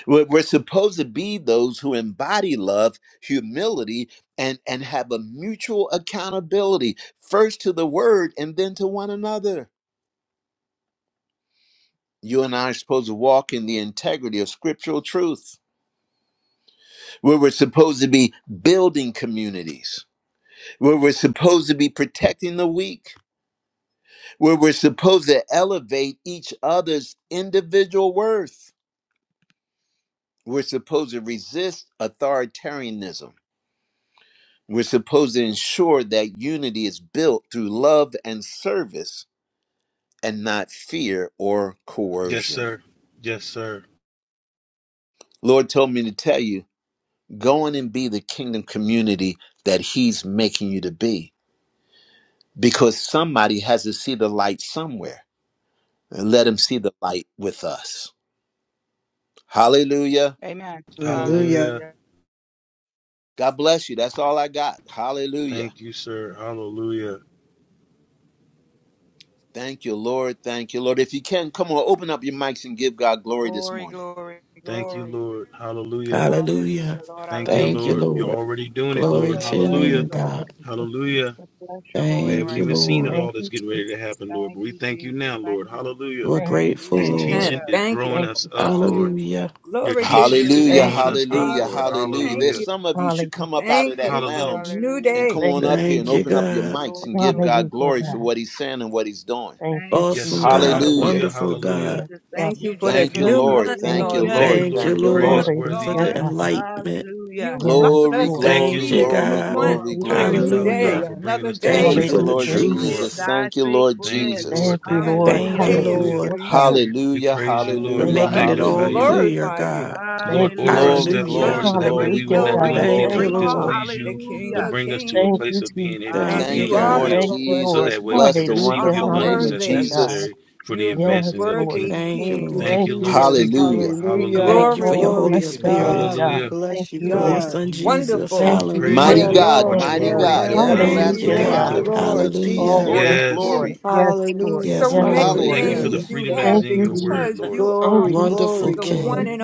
A: We're, we're supposed to be those who embody love, humility, and, and have a mutual accountability, first to the word and then to one another. You and I are supposed to walk in the integrity of scriptural truth, where we're supposed to be building communities, where we're supposed to be protecting the weak, where we're supposed to elevate each other's individual worth. We're supposed to resist authoritarianism We're supposed to ensure that unity is built through love and service and not fear or
D: Yes,
A: coercion.
D: sir. Yes, sir.
A: Lord told me to tell you, go on and be the kingdom community that He's making you to be because somebody has to see the light somewhere and let Him see the light with us. Hallelujah.
F: Amen.
C: Hallelujah.
D: Hallelujah.
F: Hallelujah.
A: God bless you. That's all I got. Hallelujah.
D: Thank you, sir. Hallelujah.
A: Thank you, Lord. Thank you, Lord. If you can, come on, open up your mics and give God glory this
F: Glory,
A: morning.
F: glory,
D: Thank you,
F: glory.
D: Lord. Hallelujah.
E: Hallelujah.
F: Hallelujah, Lord. I
D: Thank
F: love
D: you,
F: you.
E: Thank you,
D: Lord. You're
E: Lord.
D: already doing it,
F: My
E: Glory
D: Lord.
F: soul
E: to your
F: loves you,
E: name,
D: Hallelujah.
B: Father.
F: Lord.
E: God.
B: Thank you, Jesus.
D: Hallelujah.
F: Bless your
D: We
F: holy and
E: Thank
D: haven't
E: you,
F: righteous
D: even seen it
E: Lord.
F: name.
D: all
B: Thank
D: that's
B: you,
D: getting
B: Jesus.
D: ready to happen, Lord, but
F: Thank
D: we
F: you,
D: thank you
F: Jesus.
D: now,
F: Thank
D: Lord.
F: you, Jesus.
D: Hallelujah.
E: We're
B: Thank
F: Thank
B: you,
F: you,
E: grateful,
B: Jesus.
D: This
E: Lord.
H: Amen.
D: teaching
F: Jesus.
D: is
H: Thank
D: growing
H: you,
B: Thank
D: us
B: you,
D: up,
B: Jesus.
D: Lord.
F: Hallelujah.
E: Hallelujah.
D: Your
H: Glory to
D: teaching
H: your
D: is
A: Hallelujah,
B: Thank
H: name,
D: growing
B: you,
D: us
B: Jesus.
D: up,
A: hallelujah,
D: Lord.
H: Jesus.
F: Hallelujah.
A: hallelujah.
H: Thank
A: There's
D: Hallelujah.
H: you.
A: some of you
B: Hallelujah,
A: should come up out of
H: Thank
A: that
H: you
B: Jesus.
H: for a
D: Hallelujah.
A: lounge
H: new
A: and
F: Hallelujah.
A: come
H: day.
B: Thank
A: on
B: you,
A: up here and
E: Thank
B: Jesus.
E: you,
A: open up your
E: God.
A: mics and
F: Glory,
A: give
F: glory,
A: God
B: Hallelujah,
A: glory
F: glory.
A: for
B: God.
A: what he's saying and what he's doing.
B: Thank
F: Thank
B: you,
F: you,
D: Yes,
B: Jesus.
E: Awesome
D: sir.
F: Jesus.
E: God.
A: Hallelujah.
D: Hallelujah.
F: Thank
E: Wonderful
F: you,
D: Hallelujah.
E: God.
B: Yes,
F: Jesus.
B: God.
F: Thank
H: Thank you
F: you,
H: for
D: Thank
H: this
A: Thank
D: you,
A: you,
F: Jesus.
H: new
D: Lord.
A: Lord.
H: month,
B: Thank
A: Thank you,
H: Lord.
B: you,
H: We
F: Hallelujah.
D: Thank
H: in
A: Lord.
D: you,
E: Thank
D: Lord,
B: Jesus.
E: you,
H: a
D: for
A: Thank you,
H: new
E: Lord,
H: month,
A: Lord.
E: for
D: praiseworthy.
B: Hallelujah,
E: the
H: Lord.
D: And
B: God.
E: enlightenment.
F: Hallelujah.
H: You
B: Yes,
H: allowed
A: Glory,
H: us
B: Lord.
H: to
D: thank you,
A: glory,
E: Thank
H: see
E: you,
H: this
D: Lord.
A: glory,
H: new
E: God.
F: You
H: month,
B: Thank
A: glory,
F: are
B: you,
H: this
D: Thank you,
A: glory.
H: new
F: worthy,
B: Jesus.
D: Father
F: O
H: day,
D: God,
F: God.
E: Hallelujah.
D: for bringing
H: another
D: us to a
H: day.
E: Thank you
A: Thank
D: place
H: Lord.
A: you,
E: for
D: that
E: the
D: we
A: Lord
B: Hallelujah,
D: can
F: Great
B: Jesus.
D: grow
F: is
D: up.
A: Jesus.
E: truth.
F: thy
A: Thank you, Lord
D: Thank
F: faithfulness.
D: you,
A: Jesus.
B: Thank
D: Lord.
B: you,
D: Thank you,
H: And this
B: Lord.
D: Lord.
E: Thank
F: Hallelujah.
E: you,
H: day is
D: Hallelujah.
B: Hallelujah,
H: for
E: Lord,
B: God.
H: you,
D: We
A: Hallelujah,
D: praise you,
E: for
D: Lord, and
B: Thank
D: we
H: for
A: hallelujah,
F: Hallelujah.
B: you,
H: us
E: making it
H: to
D: magnify
E: all
B: Jesus.
D: you,
A: hallelujah.
E: clear,
H: glorify
E: God.
H: you,
D: Lord,
B: Thank you,
D: order our
F: Hallelujah.
A: Glory,
D: steps,
B: Jesus.
D: Lord,
E: Hallelujah.
A: glory,
D: so
H: allowing
F: Grateful,
H: us
D: that way
H: to
A: glory,
D: we would
B: Hallelujah,
F: grateful,
H: know
D: not
A: glory,
D: do
H: who
B: God.
D: anything
F: grateful,
H: you
E: Thank
D: that
B: Thank
A: glory.
E: you,
D: would
B: you,
F: grateful.
E: Lord.
B: Lord.
H: are,
D: displease
H: the
D: you,
H: King
D: but
F: Hallelujah.
H: of
D: bring us to a
B: Thank
H: Kings.
D: place
B: you,
D: of being
B: Jesus.
D: able to
H: And
E: Thank you,
D: be
A: Thank
D: in
H: you
A: you,
D: your
H: are
F: Hallelujah,
H: the
E: God.
A: Lord
F: Lord.
B: Thank
D: will,
B: you,
H: Lord.
D: so
B: Lord.
A: Jesus.
D: that way we
A: Bless
D: can
A: the
H: You
B: Hallelujah,
D: receive the
A: wonderful
H: are
A: name
D: abundance
A: of
D: that's
B: hallelujah,
H: worthy.
B: God.
A: Jesus.
D: necessary for the
H: You're the
B: Yes,
D: advancing of the
B: Lord.
H: worthy
D: kingdom.
E: Thank you,
C: Thank you,
E: Lord.
H: King.
D: Thank
B: Thank
D: you,
B: you,
D: Lord.
C: Jesus.
D: Thank you, Lord.
A: Hallelujah.
B: Jesus.
H: We
D: Hallelujah.
C: Hallelujah.
E: Thank you for
H: glorify
E: your
B: Oh,
C: Glory
E: Holy
B: bless
C: to
H: you.
B: the name,
C: God.
E: Spirit,
C: We
B: God.
D: Hallelujah.
B: Thank
C: bless you,
B: you,
E: for
H: You're
E: your
F: Thank
B: Lord.
C: God.
F: you,
E: Son
F: Jesus.
E: Jesus.
H: wonderful,
B: Thank
D: We
B: you,
D: praise
B: thank
D: you,
A: Mighty
C: Yeah,
E: Hallelujah.
B: you,
D: Lord, for
A: God,
H: wonderful.
B: thank
D: what
C: Lord.
D: you
B: you,
A: mighty
C: Yeah,
B: Lord.
D: already
A: God,
D: have
C: Lord.
D: done,
C: We
E: Thank
D: Lord.
E: you,
A: everlasting
B: Hallelujah,
D: Thank
H: Emmanuel,
F: Thank
D: you,
C: thank
B: God.
C: you,
A: Father,
E: God.
F: you,
D: Lord.
F: Lord.
A: Prince
C: Lord
A: of Peace,
E: Hallelujah.
B: Oh,
H: your
A: Lord
B: yes,
C: Jesus.
A: of
D: Yes.
B: Lord.
H: name
A: glory.
H: are
B: Yes, Lord.
C: Hallelujah.
E: Yes,
H: so
B: Yes,
H: many
E: Lord.
D: Thank
B: Lord.
D: you for
C: Hallelujah.
D: the
A: Hallelujah.
H: names you
D: freedom that is
H: have
B: Thank
D: in
B: you,
D: your word,
H: because
B: Jesus.
D: Lord.
H: you
B: Thank
H: are
C: Glory,
B: you,
E: Wonderful
C: glory,
H: the
B: Jesus.
E: King.
H: one
C: glory.
H: and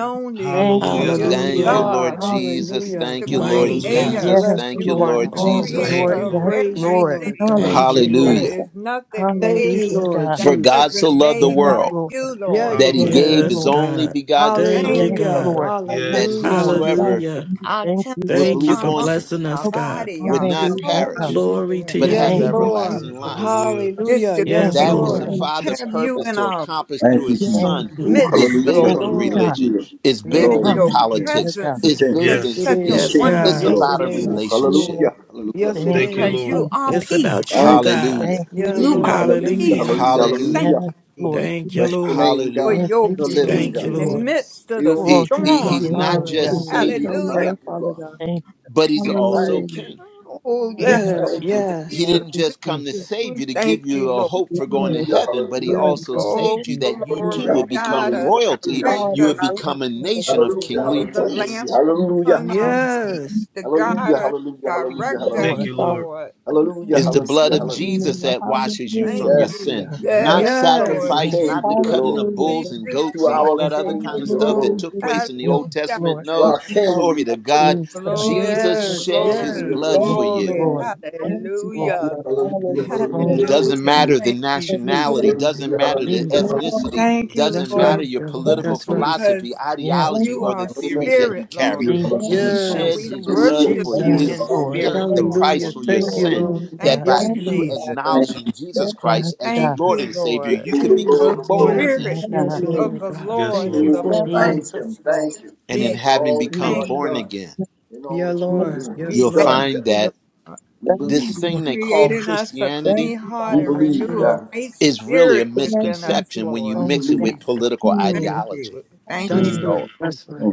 F: Thank
H: only
B: Thank
F: you,
B: you,
F: Jesus.
D: Hallelujah.
C: Yes, you
A: Thank you,
B: Jesus.
D: Hallelujah.
E: Hallelujah.
C: are.
A: Lord
H: God,
B: Thank you,
A: Jesus.
C: Hallelujah.
B: Jesus.
H: the
A: Thank you, Lord
E: Mighty
D: Hallelujah.
C: We
E: God.
H: creator,
B: Yes,
A: Jesus.
C: bless
A: Thank
C: you,
A: you,
B: Lord.
C: God.
A: Lord
H: the
B: Yes,
A: Jesus.
H: creator
D: Thank
B: Lord.
D: you,
E: Almighty.
C: We
H: of
B: Yes,
D: Lord.
C: praise you,
F: Thank
B: Lord.
F: you,
C: Lord
H: everything,
F: Jesus.
C: God.
H: Lord.
E: Thank you,
H: There
B: Hallelujah.
A: Hallelujah.
E: Lord.
H: is nothing
F: Glory to
C: Thank you,
H: made
B: Hallelujah,
F: God.
C: Lord
B: God.
A: For
H: that
A: God so
H: wasn't
C: Jesus.
A: loved the
B: Yes,
H: made by
A: world
B: Lord.
H: you,
C: Yeah,
H: Lord.
F: Glory
C: you
A: that
F: to
A: he
C: did.
D: Hallelujah.
B: Yes,
H: Jesus.
F: God.
A: gave
E: Yes,
A: his
B: Lord.
A: only
E: God.
A: begotten
E: Thank
H: Thank
A: Son,
B: Yes,
E: you,
H: you,
C: Hallelujah.
E: God.
H: Lord.
B: Lord.
A: that
B: Yes,
D: Yes.
C: Hallelujah.
B: Lord.
A: whosoever
E: Hallelujah.
H: our
B: Thank you,
A: would
H: temples,
E: Thank you
A: believe
H: our
E: for
A: on
H: mind,
B: Jesus.
A: him
E: blessing
H: our
E: us, God.
H: body,
A: would
H: our
A: not
B: Hallelujah, God.
A: perish,
H: souls,
E: Glory
H: Lord.
E: to
A: but
E: your
A: have
C: Yes,
B: Thank
E: name.
B: you,
D: Yes,
C: Lord.
A: everlasting
D: sir.
A: life.
B: Jesus.
D: Hallelujah.
H: Just
C: Hallelujah.
H: to
C: Yes,
B: Thank
E: Yes,
A: that
B: you,
A: which the
C: Lord.
E: Lord.
B: thank you,
A: father
H: have you
A: purposed
H: in
A: to
B: Jesus.
H: our
A: accomplish through
I: Thank you,
A: his
B: Thank
I: Jesus.
A: son
B: you,
I: Oh,
B: God.
A: is
H: midst,
I: hallelujah,
A: bigger
B: Thank
H: Lord.
A: than
B: you,
I: hallelujah,
C: Lord.
B: God.
A: religion
I: hallelujah.
A: is
C: Yeah,
H: Being
A: bigger
H: in
I: Glory
A: than
H: your
I: to the
C: Lord.
I: King,
B: Hallelujah,
A: politics
I: to
B: God.
H: presence
I: the
A: is
H: is
I: King,
A: bigger
C: Yes,
A: than
H: just
D: Yes.
C: it
H: such
I: to
H: a
I: the
E: Yes,
A: tradition
C: is.
I: King
B: Thank
I: be the
A: it's
B: you,
E: God.
H: wonderful
C: Yes,
I: glory.
C: it
A: about a
B: Jesus.
I: Oh,
C: is.
H: peace
A: relationship
I: hallelujah, hallelujah,
C: Yes, it
B: Thank
I: hallelujah.
D: Thank you,
B: you,
H: because
C: is.
I: hallelujah.
D: Lord.
H: you are
E: It's
B: Jesus.
E: about
H: peace.
E: you,
I: Thank you,
E: God.
A: hallelujah
B: Thank
I: Jesus.
B: you,
C: Yeah,
H: You
I: Oh,
H: are
C: Lord.
B: Jesus.
C: Thank
I: hallelujah,
C: you,
H: peace,
E: Hallelujah.
I: hallelujah,
H: Lord.
C: Jesus.
A: hallelujah
B: Yes,
I: hallelujah.
H: Thank you,
B: Lord.
H: Jesus,
E: Thank you,
I: Bless your
E: Lord.
I: name,
H: for
I: God,
A: hallelujah
B: Thank
H: your
B: you,
C: Thank
I: the
C: you,
I: living
C: Lord
E: Thank
H: peace
E: you,
I: God,
H: in the
B: Jesus.
E: Lord.
C: Jesus.
H: midst of
I: the
H: the
I: only
B: Glory
A: he,
I: true
A: he
B: to
I: God.
A: he's
B: your
H: storms,
A: not
B: name,
H: Lord.
B: God.
A: just
C: Hallelujah.
I: Oh, we
A: savior
J: Love,
H: Hallelujah.
I: thank you,
J: Father
I: God.
J: God.
B: Thank
A: but he's
I: We
A: also
J: Hallelujah.
I: thank you.
A: king
H: Oh,
I: We
B: you,
H: yes, Lord.
C: Yes,
I: thank
B: God.
I: you, God.
A: he
C: yes.
B: Thank
H: Jesus,
A: didn't
B: you,
A: just come to
H: Jesus,
B: Jesus.
A: save
H: we
A: you to give
H: thank you,
A: you a
H: Lord.
A: hope for going to
J: Yes,
I: Hallelujah,
A: heaven but he
I: hallelujah.
J: yes.
A: also
B: Thank you,
H: Oh,
A: saved you that
B: Jesus.
A: you too
I: Hallelujah,
H: glory,
A: would
H: God
A: become
H: us,
I: hallelujah,
A: royalty
J: All
H: direct
A: you
J: the
A: would
H: us.
I: hallelujah.
J: things
B: Thank
A: become a
J: that
I: Hallelujah, hallelujah,
A: nation of
I: hallelujah.
J: thank
I: Hallelujah,
H: You're
A: kingly
J: you,
H: the
J: for-
H: lamp
I: hallelujah,
A: priests
I: hallelujah.
H: upon
B: you,
H: our
B: Jesus.
H: feet
C: Yes.
H: to
I: Hallelujah,
H: guide us,
I: hallelujah, hallelujah,
H: direct
J: thank
D: Thank
H: us,
B: Lord.
J: you,
D: you,
I: hallelujah.
J: Father.
D: Lord.
H: Lord.
I: Hallelujah,
A: It's the
B: Yes,
A: blood
I: hallelujah,
J: Thank
A: of
B: God.
I: hallelujah.
J: you,
A: Jesus that washes you
H: Thank
A: from
B: Yes,
A: your
J: Lord.
I: Yes,
A: sin,
H: you.
I: God.
J: Hallelujah.
A: not
H: Yes,
I: To
C: Yes.
I: the
H: Lord
A: sacrifice,
B: Lord.
I: King
A: not
I: be
A: the
I: the
H: Jesus,
A: cutting
I: glory.
A: of
J: Hallelujah.
A: bulls
J: God.
A: and
H: Jesus,
A: goats
I: To
A: and
H: Jesus.
A: all
I: our
B: Yes, yes,
A: that other
I: King
A: kind of
I: be
B: God.
I: the
A: stuff
H: Oh,
A: that
I: glory.
J: Hallelujah,
A: took place in
J: Jesus.
A: the Old
B: yes,
H: hallelujah.
A: Testament.
B: Lord.
I: To
J: Thank
A: No,
I: our
J: you, Father.
I: King be
A: glory to
I: the
A: God.
I: glory.
B: Jesus.
J: Thank you,
A: Jesus
H: Glory,
J: Lord.
C: Yes.
A: shed his
C: yes.
I: Hallelujah,
H: glory,
A: blood
B: Yes,
J: Thank
A: for
I: hallelujah,
J: you,
A: you
H: glory.
J: Lord.
B: Lord.
I: hallelujah.
B: Yes,
J: Thank you,
B: Lord.
H: Hallelujah.
J: Father.
I: Hallelujah, hallelujah,
J: Hallelujah.
B: Oh, yes,
A: doesn't
H: Hallelujah.
B: God.
A: matter
I: hallelujah.
A: the
H: Thank you,
J: Hallelujah,
A: nationality
H: Jesus.
A: doesn't
I: Hallelujah,
A: matter the
I: hallelujah,
B: Jesus.
J: glory.
I: hallelujah.
A: ethnicity
H: Thank you,
A: doesn't
C: That's
B: Yes,
A: matter
H: Lord,
C: right.
A: your
C: Yeah.
B: Lord.
A: political
J: Thank
C: That's right.
J: you.
A: philosophy
H: because
B: Yes,
J: Thank
A: ideology
H: you
A: or
J: you,
A: the
H: are
J: Father.
A: theories
I: Hallelujah,
A: that you
H: spirit, Lord.
A: carry
I: hallelujah,
J: Thank
B: Jesus.
A: he
J: you,
H: And
A: shed
H: we
J: Father.
C: Yes.
I: hallelujah.
A: his
C: Yes,
A: blood
I: Hallelujah,
H: worship
A: for
J: Thank
H: you
B: Yes,
J: you,
I: hallelujah,
A: you
H: in
C: Jesus.
B: Lord.
J: Father.
H: spirit,
I: hallelujah.
A: paying the
J: And the
H: Lord.
A: price
C: Hallelujah.
J: Holy
A: for your
C: Thank you,
J: Lord.
A: sin
C: Lord.
A: that
H: Thank
A: by
C: Yes,
B: Jesus.
H: you,
J: Thank you,
A: you
C: Lord.
H: Jesus.
J: Father.
A: acknowledging jesus
J: Thank you.
B: Yes,
A: christ as your
B: God.
H: Thank
A: lord
H: you,
A: and savior
I: Give
H: Lord.
A: you
I: him
A: could
I: the
H: The
I: Lord
A: become
C: Jesus.
I: of
A: born
B: Oh,
I: Lords, He's
B: my
A: again
H: spirit
C: Jesus.
J: Yes,
I: the King
C: Yes,
B: God.
I: of
J: Lord.
H: of
C: Lord
H: the
I: Kings.
C: God.
D: Yes,
H: Lord
C: Thank you
H: is
D: Lord.
I: Oh,
J: Yes,
C: for it,
H: upon
J: Lord.
C: Lord.
I: thank
B: Jesus.
I: him,
H: us, Lord.
I: thank him
A: and in
I: for
H: Jesus,
A: having
I: all that you
A: become
I: are
H: thank
B: Jesus.
A: born
H: you.
I: done
A: again
J: Yes,
I: and all
C: Yeah,
I: that you are
J: Lord.
C: Lord.
I: doing. It's
H: We
C: Yes,
A: you'll
B: Jesus.
H: thank
I: done,
C: Lord.
A: find
I: God.
H: you,
A: that
H: Lord.
I: We
J: Thank
A: this
I: believe.
J: you.
B: Yes,
A: thing they call
B: God.
H: Creating us a
A: christianity
J: Thank
H: clean
J: you,
H: heart
I: We
J: Father.
H: and
I: believe,
H: renew a
B: Jesus.
I: God.
H: right
A: is really a
H: spirit
J: Thank
H: within
J: you,
H: us,
A: misconception
J: Jesus.
A: when you
H: Lord.
I: We
B: Oh,
A: mix it
B: yes.
A: with
I: believe.
H: Jesus,
A: political
H: thank
J: Hmm.
A: ideology
H: you. Thank
C: That's
H: you,
B: Jesus.
J: Hmm.
D: Mm.
C: right.
H: Lord.
C: That's
B: Jesus.
C: right.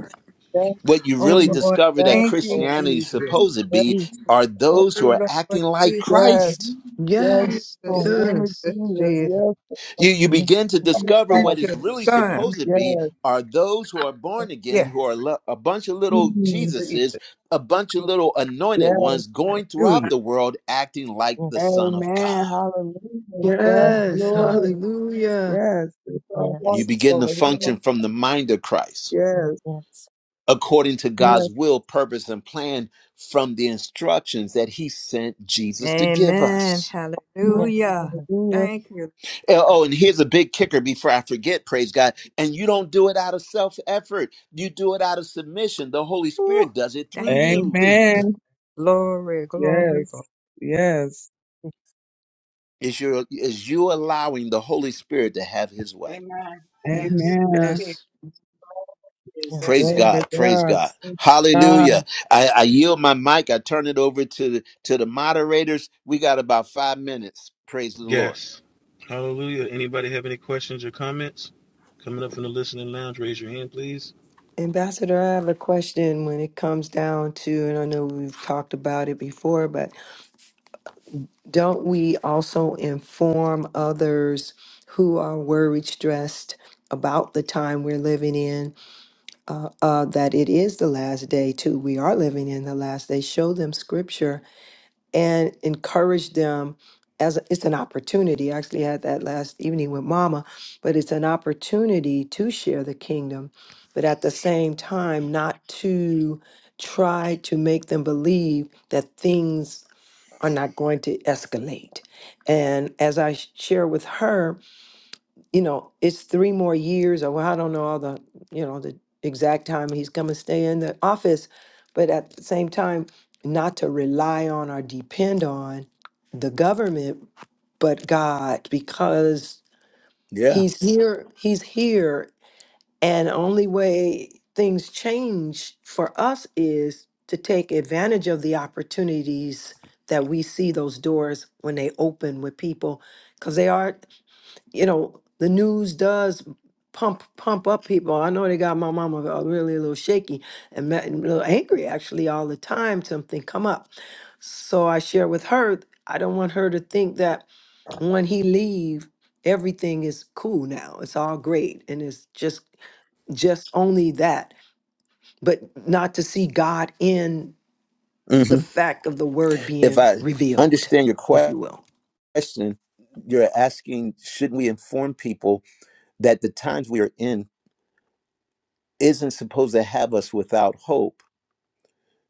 J: Yes,
A: what you really
H: Oh, Lord.
A: discover that
J: yes,
H: Thank you,
J: Lord.
A: Christianity is
H: Jesus.
A: supposed to
J: Yes,
A: be
B: Jesus.
A: are
H: Oh,
A: those who are
H: Lord
A: acting like
H: Jesus.
J: yes.
A: Christ.
J: Yes,
C: Yes.
J: in
B: Jesus.
J: the
H: Jesus,
J: name of
C: Yes.
H: Jesus,
J: Jesus.
H: Jesus.
J: Yes,
A: You, you
B: Yes,
A: begin to
J: Lord,
A: discover what
H: Sent
J: Father.
A: is
H: your
A: really
H: son.
A: supposed to
J: Yes,
A: be are those who are born again, who are
H: Yes.
A: lo- a bunch of little
J: Mhm.
A: Jesuses,
H: Jesus.
A: a bunch of
B: yes,
A: little anointed
J: yes.
A: ones going throughout
H: Hallelujah.
A: the world acting like
B: yes,
A: the Son of
J: Amen.
A: God.
J: Hallelujah. Yes,
B: yes,
C: Yes.
B: Lord.
J: Lord.
C: Hallelujah.
J: Yes, it's our
A: You
J: heart,
B: Yes,
A: begin to
J: Lord.
A: function from the mind of Christ
J: Yes,
B: yes, yes,
A: according to
J: yes.
A: God's will, purpose, and plan from the instructions that He sent Jesus to give
H: Amen.
A: us.
B: Lord.
H: Hallelujah.
B: Yes,
J: Hallelujah.
H: Thank you.
A: Uh, Oh, and here's a big kicker before I forget, praise God. And you don't do it out of self effort. You do it out of submission. The Holy
H: Ooh,
A: Spirit does it through
H: thank you,
A: you.
H: Jesus.
J: Amen.
H: Glory, glory, glory.
J: Yes, yes.
A: Is your is you allowing the Holy Spirit to have his way.
F: Amen. That's
C: Yes.
F: it.
J: Amen.
C: Yes.
F: it is. That's
B: yes,
A: Praise
F: it.
J: Glory to
A: God. Praise
J: God.
A: God.
J: Thank God.
A: Hallelujah. I, I yield my mic. I turn it over to the to the moderators. We got about five minutes. Praise the Lord.
D: Yes. Hallelujah. Anybody have any questions or comments? Coming up from the listening lounge, raise your hand, please.
C: Ambassador, I have a question when it comes down to, and I know we've talked about it before, but don't we also inform others who are worried, stressed about the time we're living in uh, uh, that it is the last day, too? We are living in the last day. Show them scripture and encourage them as a, it's an opportunity. I actually had that last evening with mama, but it's an opportunity to share the kingdom, but at the same time, not to try to make them believe that things are not going to escalate. And as I sh- share with her, you know, it's three more years or well, I don't know all the, you know, the exact time he's going to stay in the office, but at the same time, not to rely on or depend on the government, but God, because
A: Yeah.
C: he's here, he's here. And only way things change for us is to take advantage of the opportunities that we see those doors when they open with people because they are you know, the news does pump pump up people. I know they got my mama uh, really a little shaky and ma- and a little angry actually all the time. Something come up, so I share with her. I don't want her to think that when he leave, everything is cool now. It's all great, and it's just just only that, but not to see God in the
A: hmm
C: fact of the word
A: If
C: being
A: I
C: revealed,
A: understand your
C: if you will.
A: question, you're asking, should we inform people that the times we are in isn't supposed to have us without hope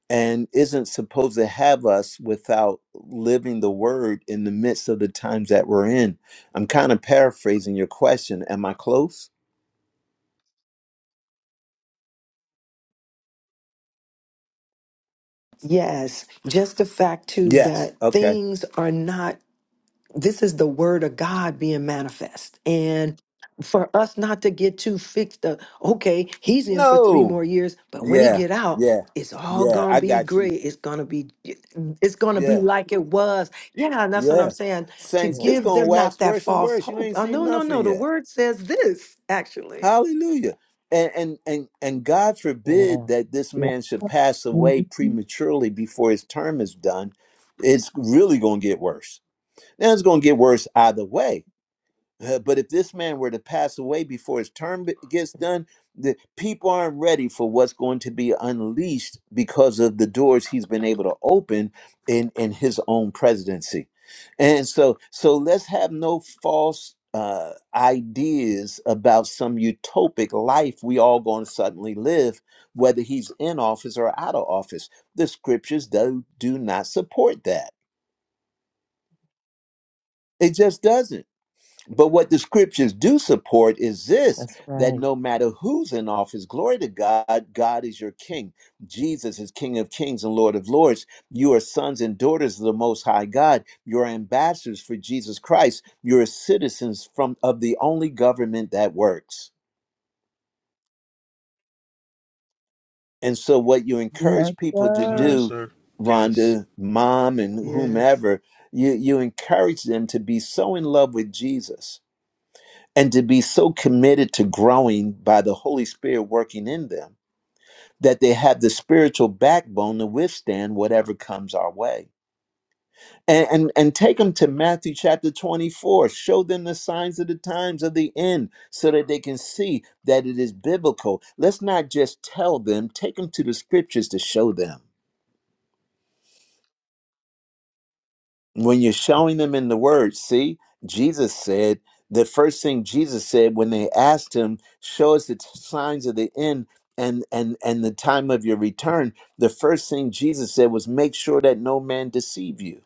A: and isn't supposed to have us without living the word in the midst of the times that we're in. I'm kind of paraphrasing your question. Am I close?
C: Yes, just the fact too
A: Yes.
C: that
A: Okay.
C: things are not this is the word of God being manifest. And for us not to get too fixed up, okay, he's in for three
A: No.
C: more years, but when he
A: Yeah.
C: get out,
A: Yeah.
C: it's all
A: Yeah.
C: gonna
A: I
C: be
A: got you.
C: great. It's gonna be it's gonna be
A: Yeah.
C: like it was. Yeah, and that's what I'm
A: Yeah.
C: saying. To
A: Saints, it's
B: Lord.
C: give
A: going to
C: them not
A: wax
C: that
A: worse and
C: false
A: worse. You
C: hope.
A: ain't
C: Oh no,
A: seen
C: no, no.
A: nothing
C: The
A: yet.
C: word says this actually.
A: Hallelujah. And and and and God
B: Yeah,
A: forbid that this
J: Yes.
A: man should pass away
J: Mhm.
A: prematurely before his term is done. It's really going to get worse. Now it's going to get worse either way. Uh, but if this man were to pass away before his term be- gets done, the people aren't ready for what's going to be unleashed because of the doors he's been able to open in in his own presidency. And so, so let's have no false uh, ideas about some utopic life we all going to suddenly live, whether he's in office or out of office. The scriptures do do not support that. It just doesn't. But what the scriptures do support is this
B: that's
A: that
B: right.
A: no matter who's in office, glory to God, God is your king. Jesus is King of kings and Lord of lords. You are sons and daughters of the Most High God. You're ambassadors for Jesus Christ. You're citizens from, of the only government that works. And so, what you
J: Yes,
A: encourage people to
D: Come on,
J: sir.
A: do,
D: sir. Yes.
A: Rhonda, mom, and
C: Yes.
A: whomever, you, you encourage them to be so in love with Jesus and to be so committed to growing by the Holy Spirit working in them that they have the spiritual backbone to withstand whatever comes our way. And, and, and take them to Matthew chapter 24. Show them the signs of the times of the end so that they can see that it is biblical. Let's not just tell them, take them to the scriptures to show them. when you're showing them in the word see jesus said the first thing jesus said when they asked him show us the t- signs of the end and and and the time of your return the first thing jesus said was make sure that no man deceive you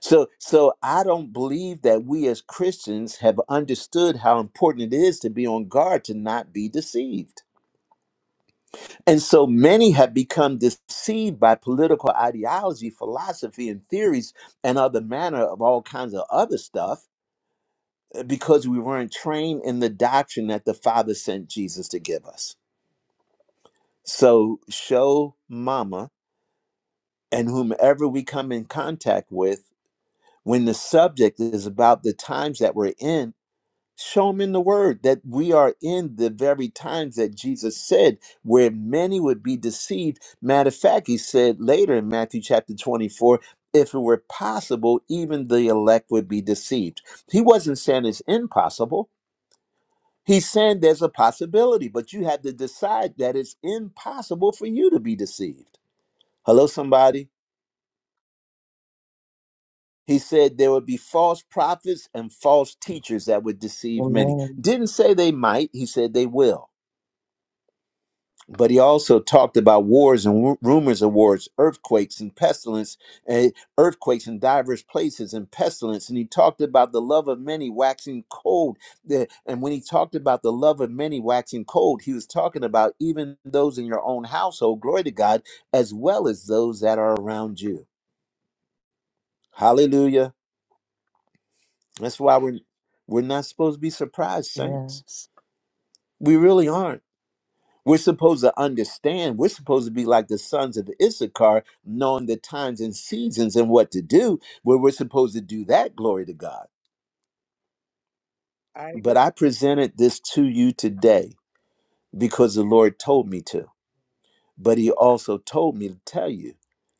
A: so so i don't believe that we as christians have understood how important it is to be on guard to not be deceived and so many have become deceived by political ideology, philosophy, and theories, and other manner of all kinds of other stuff uh, because we weren't trained in the doctrine that the Father sent Jesus to give us. So, show mama and whomever we come in contact with when the subject is about the times that we're in Show them in the word that we are in the very times that Jesus said where many would be deceived. Matter of fact, he said later in Matthew chapter 24, if it were possible, even the elect would be deceived. He wasn't saying it's impossible. He's saying there's a possibility, but you have to decide that it's impossible for you to be deceived. Hello, somebody. He said there would be false prophets and false teachers that would deceive many.
B: Amen.
A: Didn't say they might, he said they will. but he also talked about wars and ru- rumors of wars, earthquakes and pestilence, and earthquakes in diverse places and pestilence. And he talked about the love of many waxing cold. The- And when he talked about the love of many waxing cold, he was talking about even those in your own household, glory to God, as well as those that are around you. Hallelujah. That's why we're, we're not supposed to be surprised, saints.
B: Yes.
A: We really aren't. We're supposed to understand. We're supposed to be like the sons of Issachar, knowing the times and seasons and what to do, where we're supposed to do that, glory to God.
F: I agree.
A: But I presented this to you today because the Lord told me to. But He also told me to tell you,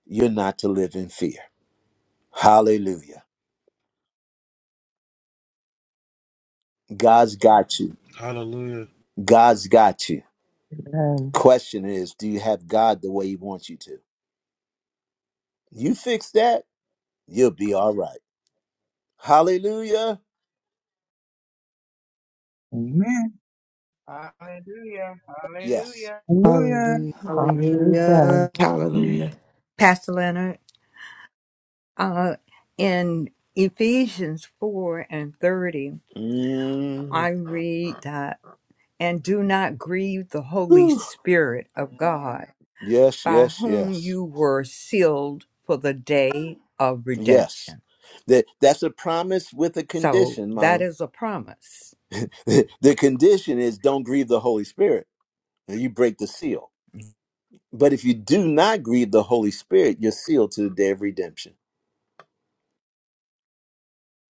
A: you're not to live in fear. Hallelujah. God's got you.
D: Hallelujah.
A: God's got you.
B: Amen.
A: Question is, do you have God the way He wants you to? You fix that, you'll be all right. Hallelujah.
J: Amen.
F: Hallelujah.
A: Yes.
F: Hallelujah.
J: Hallelujah.
C: Hallelujah.
B: Hallelujah.
C: Hallelujah.
E: Hallelujah.
H: Pastor Leonard, uh, in Ephesians 4 and 30,
A: Mm.
H: I read that, and do not grieve the Holy
A: Whew.
H: Spirit of God,
A: Yes,
H: by
A: yes,
H: whom
A: yes,
H: you were sealed for the day of redemption.
A: yes. That that's a promise with a
H: So
A: condition,
H: that
A: Mom.
H: is a promise.
A: the condition is don't grieve the Holy Spirit. Now you break the seal. But if you do not grieve the Holy Spirit, you're sealed to the day of redemption.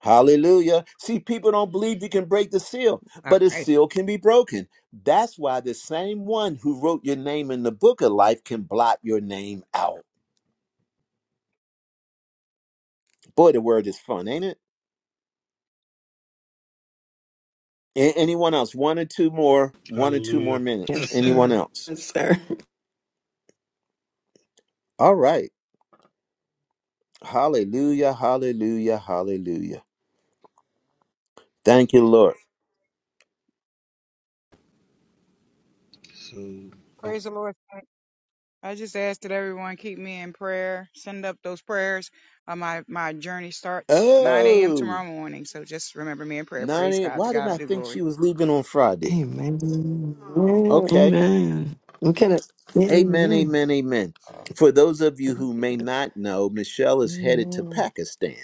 A: Hallelujah. See, people don't believe you can break the seal,
H: All
A: but a
H: right.
A: seal can be broken. That's why the same one who wrote your name in the book of life can blot your name out. Boy, the word is fun, ain't it? A- anyone else? One or two more, one or two more
D: Hallelujah.
A: minutes.
C: Yes,
A: Anyone
D: so,
C: sir.
A: else?
C: Yes, sir.
A: All right. Hallelujah, hallelujah, hallelujah. Thank you, Lord.
D: oh,
F: Praise the Lord. I just ask that everyone keep me in prayer. Send up those prayers. Uh, my my journey starts 9 a.m.
A: Oh,
F: tomorrow morning. So just remember me in prayer. Praise
A: Nani,
F: God. To
A: why did
F: God
A: I
F: be the
A: think
F: glory.
A: she was leaving on Friday?
C: Amen. Amen.
A: Okay.
E: Amen.
C: I'm kind of.
A: Amen,
C: Amen.
A: amen, amen. For those of you who may not know, Michelle is headed to
C: Amen.
A: Pakistan.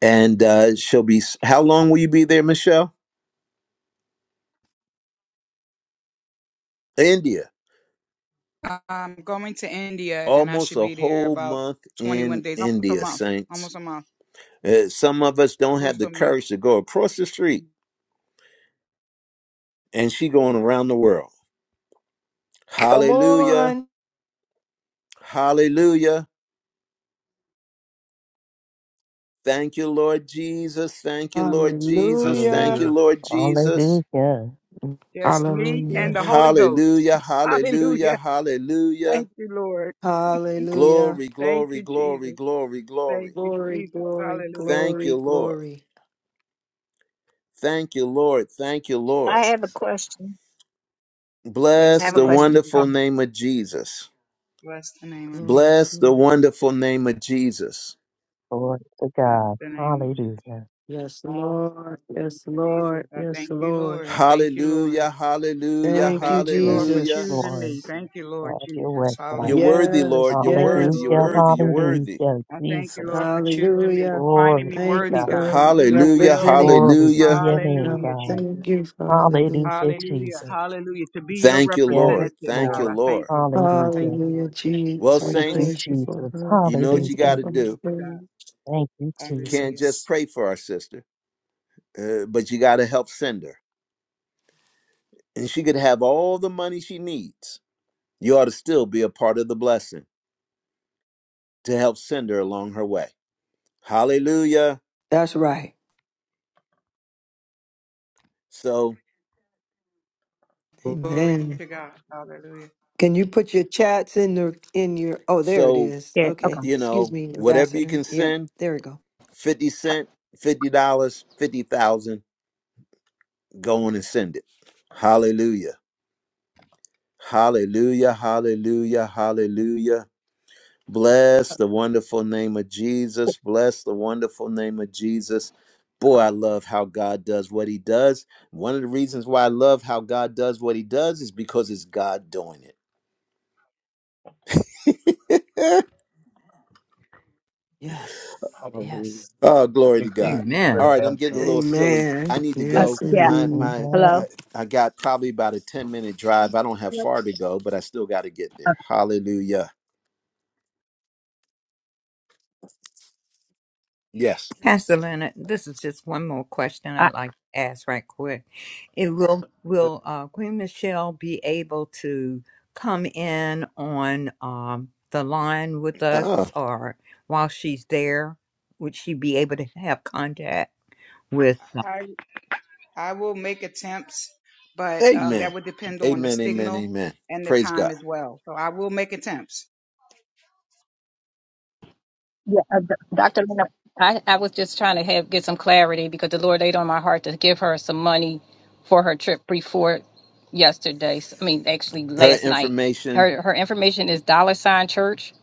A: And uh, she'll be, how long will you be there, Michelle? India.
F: I'm going to India and I
A: Almost
F: should
A: a
F: be there
A: whole
F: about
A: month in
F: 21 days, almost a
A: India,
F: month,
A: saints
F: almost a month,
A: Uh, some of us don't
F: close
A: have the
F: to a month.
A: courage to go across the street, and she going around the world.
C: Come
A: Hallelujah.
C: on.
A: Hallelujah. Thank you, Lord Jesus. Thank you, Lord Jesus. Thank
C: Hallelujah.
A: you,
D: hallelujah.
A: Lord Jesus.
B: Hallelujah.
F: Just me and
E: Hallelujah.
F: the
C: Um,
F: Holy Ghost.
A: Hallelujah. Hallelujah.
F: Hallelujah.
A: Hallelujah.
F: Thank you, Lord.
C: Hallelujah.
A: Glory,
F: Thank
A: glory,
F: you,
A: glory,
F: Jesus.
A: glory,
F: Thank
A: glory.
F: you,
C: Glory,
F: Jesus.
C: glory,
F: Hallelujah.
A: Thank
C: glory,
A: you, Lord.
C: glory.
A: Thank you, Lord. Thank you, Lord.
K: I have a
C: Jesus.
K: question.
F: Bless
K: I
A: Bless
F: the
K: have a
A: the
F: name of
K: question.
F: Jesus.
K: Oh,
A: wonderful name of Jesus.
F: Bless the name of
C: Glory,
F: Jesus.
A: Bless the
C: glory.
A: wonderful name of Jesus.
B: Lord to
F: Bless
B: God.
F: the name of Jesus.
B: Hallelujah.
C: Yes, Lord.
F: Bless
C: Yes,
F: Jesus,
C: Lord.
F: I
C: Yes,
F: thank you,
C: Lord.
F: Lord. I thank you, Lord.
A: Hallelujah,
F: I
A: hallelujah,
C: Thank you,
F: thank you,
B: Yes,
F: Lord, for
A: hallelujah.
F: choosing
B: Lord.
F: me.
C: Jesus.
F: Thank you, Lord
B: Have your
F: Jesus.
B: way, God.
A: You're
F: Hallelujah.
A: worthy,
C: Yes,
A: Lord. You're worthy,
C: yes.
A: you're
B: Hallelujah.
F: Glory
C: yep.
A: worthy,
F: to
A: you're
F: God.
A: worthy.
B: Hallelujah.
F: I thank you,
B: Jesus.
F: Lord, for choosing me, for
C: Hallelujah.
F: finding
B: Glory
F: me
B: to
C: Thank you
F: worthy,
B: God.
F: God,
C: for
F: to do your
A: Hallelujah,
F: will.
C: representing.
B: Glory to
A: hallelujah.
B: your name,
F: Hallelujah,
C: Um,
B: God.
C: Thank
F: Jesus.
C: you, hallelujah.
B: Hallelujah,
F: Hallelujah.
B: Jesus.
F: Hallelujah. To be your
A: Thank you,
B: Yes,
A: Lord.
F: representative,
A: Thank you,
B: Lord.
F: God. I thank
A: Lord.
F: you. I thank
B: Hallelujah.
F: you, Lord.
C: Hallelujah,
A: Well,
C: Jesus. We
B: Thank you,
F: Glory
A: saints,
C: praise you
F: to God.
C: for
B: Jesus.
C: her.
A: you know what
C: Thank
A: you
C: you
A: got
B: Hallelujah.
A: to
F: Glory be
A: do.
C: for
F: to
C: her.
F: God.
B: Thank you,
A: You can't
F: Hallelujah.
A: just
B: Jesus.
A: pray for our sister, uh, but you got to help send her. And she could have all the money she needs. You ought to still be a part of the blessing to help send her along her way. Hallelujah.
C: That's right.
A: So,
F: Glory
C: Amen.
F: to God. Hallelujah.
C: Can you put your chats in the in your oh there it
A: so,
C: is.
K: yeah. Okay.
C: Okay.
A: you
C: Excuse
A: know,
C: me,
A: whatever you
C: Ambassador.
A: can
C: Yeah,
A: send,
C: there we go.
A: 50
K: T-
A: cent, $50, 50,000, go on and send it. Hallelujah. Hallelujah. Hallelujah. Hallelujah. Bless the wonderful name of Jesus. Bless the wonderful name of Jesus. Boy, I love how God does what he does. One of the reasons why I love how God does what he does is because it's God doing it.
C: Yes.
D: Hallelujah.
C: Yes.
A: Oh,
D: I
A: glory to
D: think Coretta,
A: God. All
H: Amen.
D: Coretta
A: right, I'm
D: had
A: getting a
D: something.
A: little silly.
C: Amen.
A: I need to
K: Uh,
C: Yes
A: go.
K: yeah.
A: My
C: indeed.
A: my I,
K: Hello.
B: Amen.
A: I got probably about a 10 minute
K: Uh,
A: drive. I don't have far to go, but I still got to get there. Hallelujah. Yes.
H: Pastor Leonard, this is just one more question
K: I,
H: I'd like to ask right quick. It will
D: But,
H: will uh, Queen Michelle be able to come in on um, the line with us,
A: Oh,
H: or while she's there, would she be able to have contact with?
F: I, I will make attempts, but um, that
A: amen.
F: would depend on the
A: Amen. Amen.
F: signal
A: Amen.
F: and the
A: Praise
F: time
A: God.
F: as well. So I will make attempts.
K: yeah. Uh, d- Doctor Lena, I, I was just trying to have get some clarity because the Lord laid on my heart to give her some money for her trip before yesterday. s- I mean, actually,
A: Her
K: last night.
A: information.
K: Her her information is dollar sign church.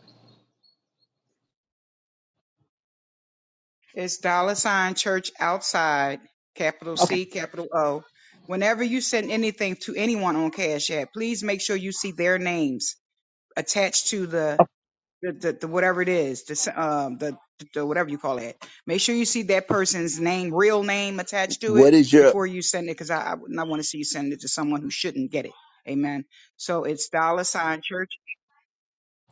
F: It's dollar sign church outside, capital
K: Okay.
F: C, capital O. Whenever you send anything to anyone on Cash App, please make sure you see their names attached to the the, the, the whatever it is, the, s- um, the the whatever you call it. Make sure you see that person's name, real name attached to it
A: What is your
F: before you send it, because I, I would not want to see you send it to someone who shouldn't get it. Amen. So it's dollar sign church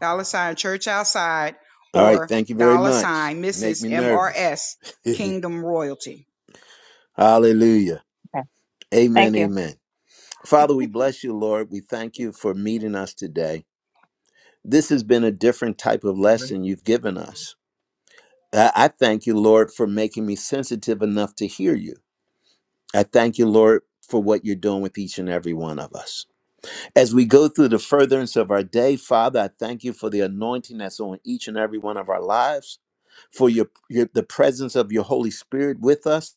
F: dollar sign church outside
A: All right,
F: or
A: thank you very
F: dollar
A: much.
F: sign Mrs.
A: Make me nervous.
F: MRS Kingdom Royalty.
A: Hallelujah.
K: okay.
A: Amen.
K: Thank you.
A: Amen. Father, we bless you, Lord. We thank you for meeting us today. This has been a different type of
D: all right.
A: lesson you've given us. I, I thank you, Lord, for making me sensitive enough to hear you. I thank you, Lord, for what you're doing with each and every one of us. As we go through the furtherance of our day, Father, I thank you for the anointing that's on each and every one of our lives, for your, your the presence of your Holy Spirit with us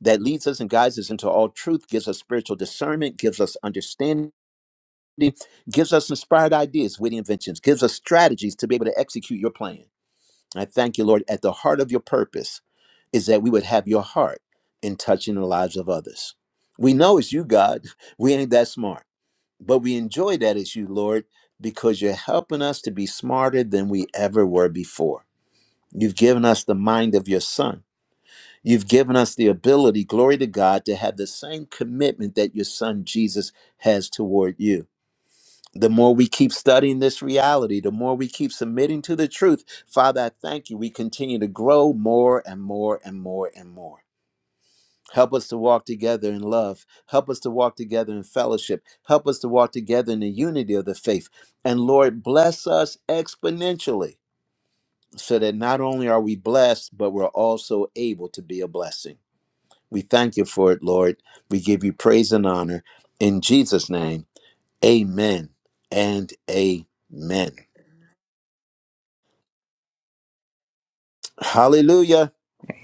A: that leads us and guides us into all truth, gives us spiritual discernment, gives us understanding, gives us inspired ideas, witty inventions, gives us strategies to be able to execute your plan. I thank you, Lord, at the heart of your purpose is that we would have your heart in touching the lives of others. We know it's you, God. We ain't that smart, but we enjoy that it's you, Lord, because you're helping us to be smarter than we ever were before. You've given us the mind of your son. You've given us the ability, glory to God, to have the same commitment that your son Jesus has toward you the more we keep studying this reality, the more we keep submitting to the truth, Father, I thank you. We continue to grow more and more and more and more. Help us to walk together in love. Help us to walk together in fellowship. Help us to walk together in the unity of the faith. And Lord, bless us exponentially so that not only are we blessed, but we're also able to be a blessing. We thank you for it, Lord. We give you praise and honor. In Jesus' name, amen and amen. Hallelujah.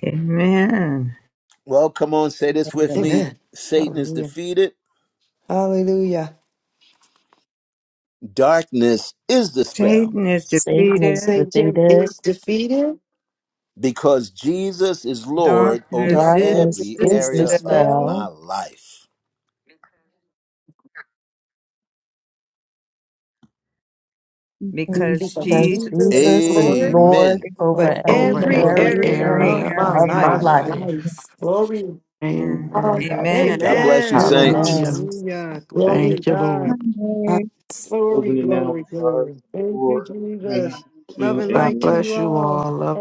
H: Amen.
A: Well, come on, say this with
B: Amen.
A: me.
C: Amen.
A: Satan is
C: Hallelujah.
A: defeated.
C: Hallelujah.
A: Darkness is dispelled
H: Satan is
B: Satan is
H: defeated.
C: Satan
B: defeated.
C: is defeated.
A: because Jesus is
J: Lord,
A: Lord
J: we
A: over
H: Darkness is
J: speak
B: Darkness
G: Yes,
C: Darkness
A: every
C: is
B: is
J: it.
A: area
H: dispelled
G: and
A: of my
C: dispelled
B: dispelled
A: life.
G: thank
H: because
G: you,
C: because
J: Okay.
B: because
H: Jesus.
G: Jesus.
C: Jesus is
B: Jesus
G: Yes,
B: is
J: for
C: Lord
J: the
G: Lord.
B: Lord
A: Amen.
C: over
B: over
G: Oh,
B: every
E: Over
J: experience
C: every
G: glory,
H: over
E: every
J: of
B: area
C: area
G: glory,
H: every
C: of
E: area
C: my
G: us
E: of
B: of
H: area of
B: my
G: in
E: my
C: life.
B: life.
G: the
E: life.
G: lives. Glory.
H: sin.
E: Amen.
H: Amen.
F: Amen.
A: God
G: Hallelujah.
A: bless you,
G: Thank
C: Amen.
G: you,
J: the
A: saints.
E: Hallelujah.
G: Jesus.
B: Amen.
C: Hallelujah. Glory to
G: Glory.
E: Thank you,
C: God.
E: Lord.
C: Glory,
D: Closing it now
C: glory,
D: in five,
C: glory. Thank you,
D: four, three,
C: Jesus. Love
D: two,
C: and
D: and
E: God
C: light to
D: one.
C: you
E: bless you
C: all.
E: all. Love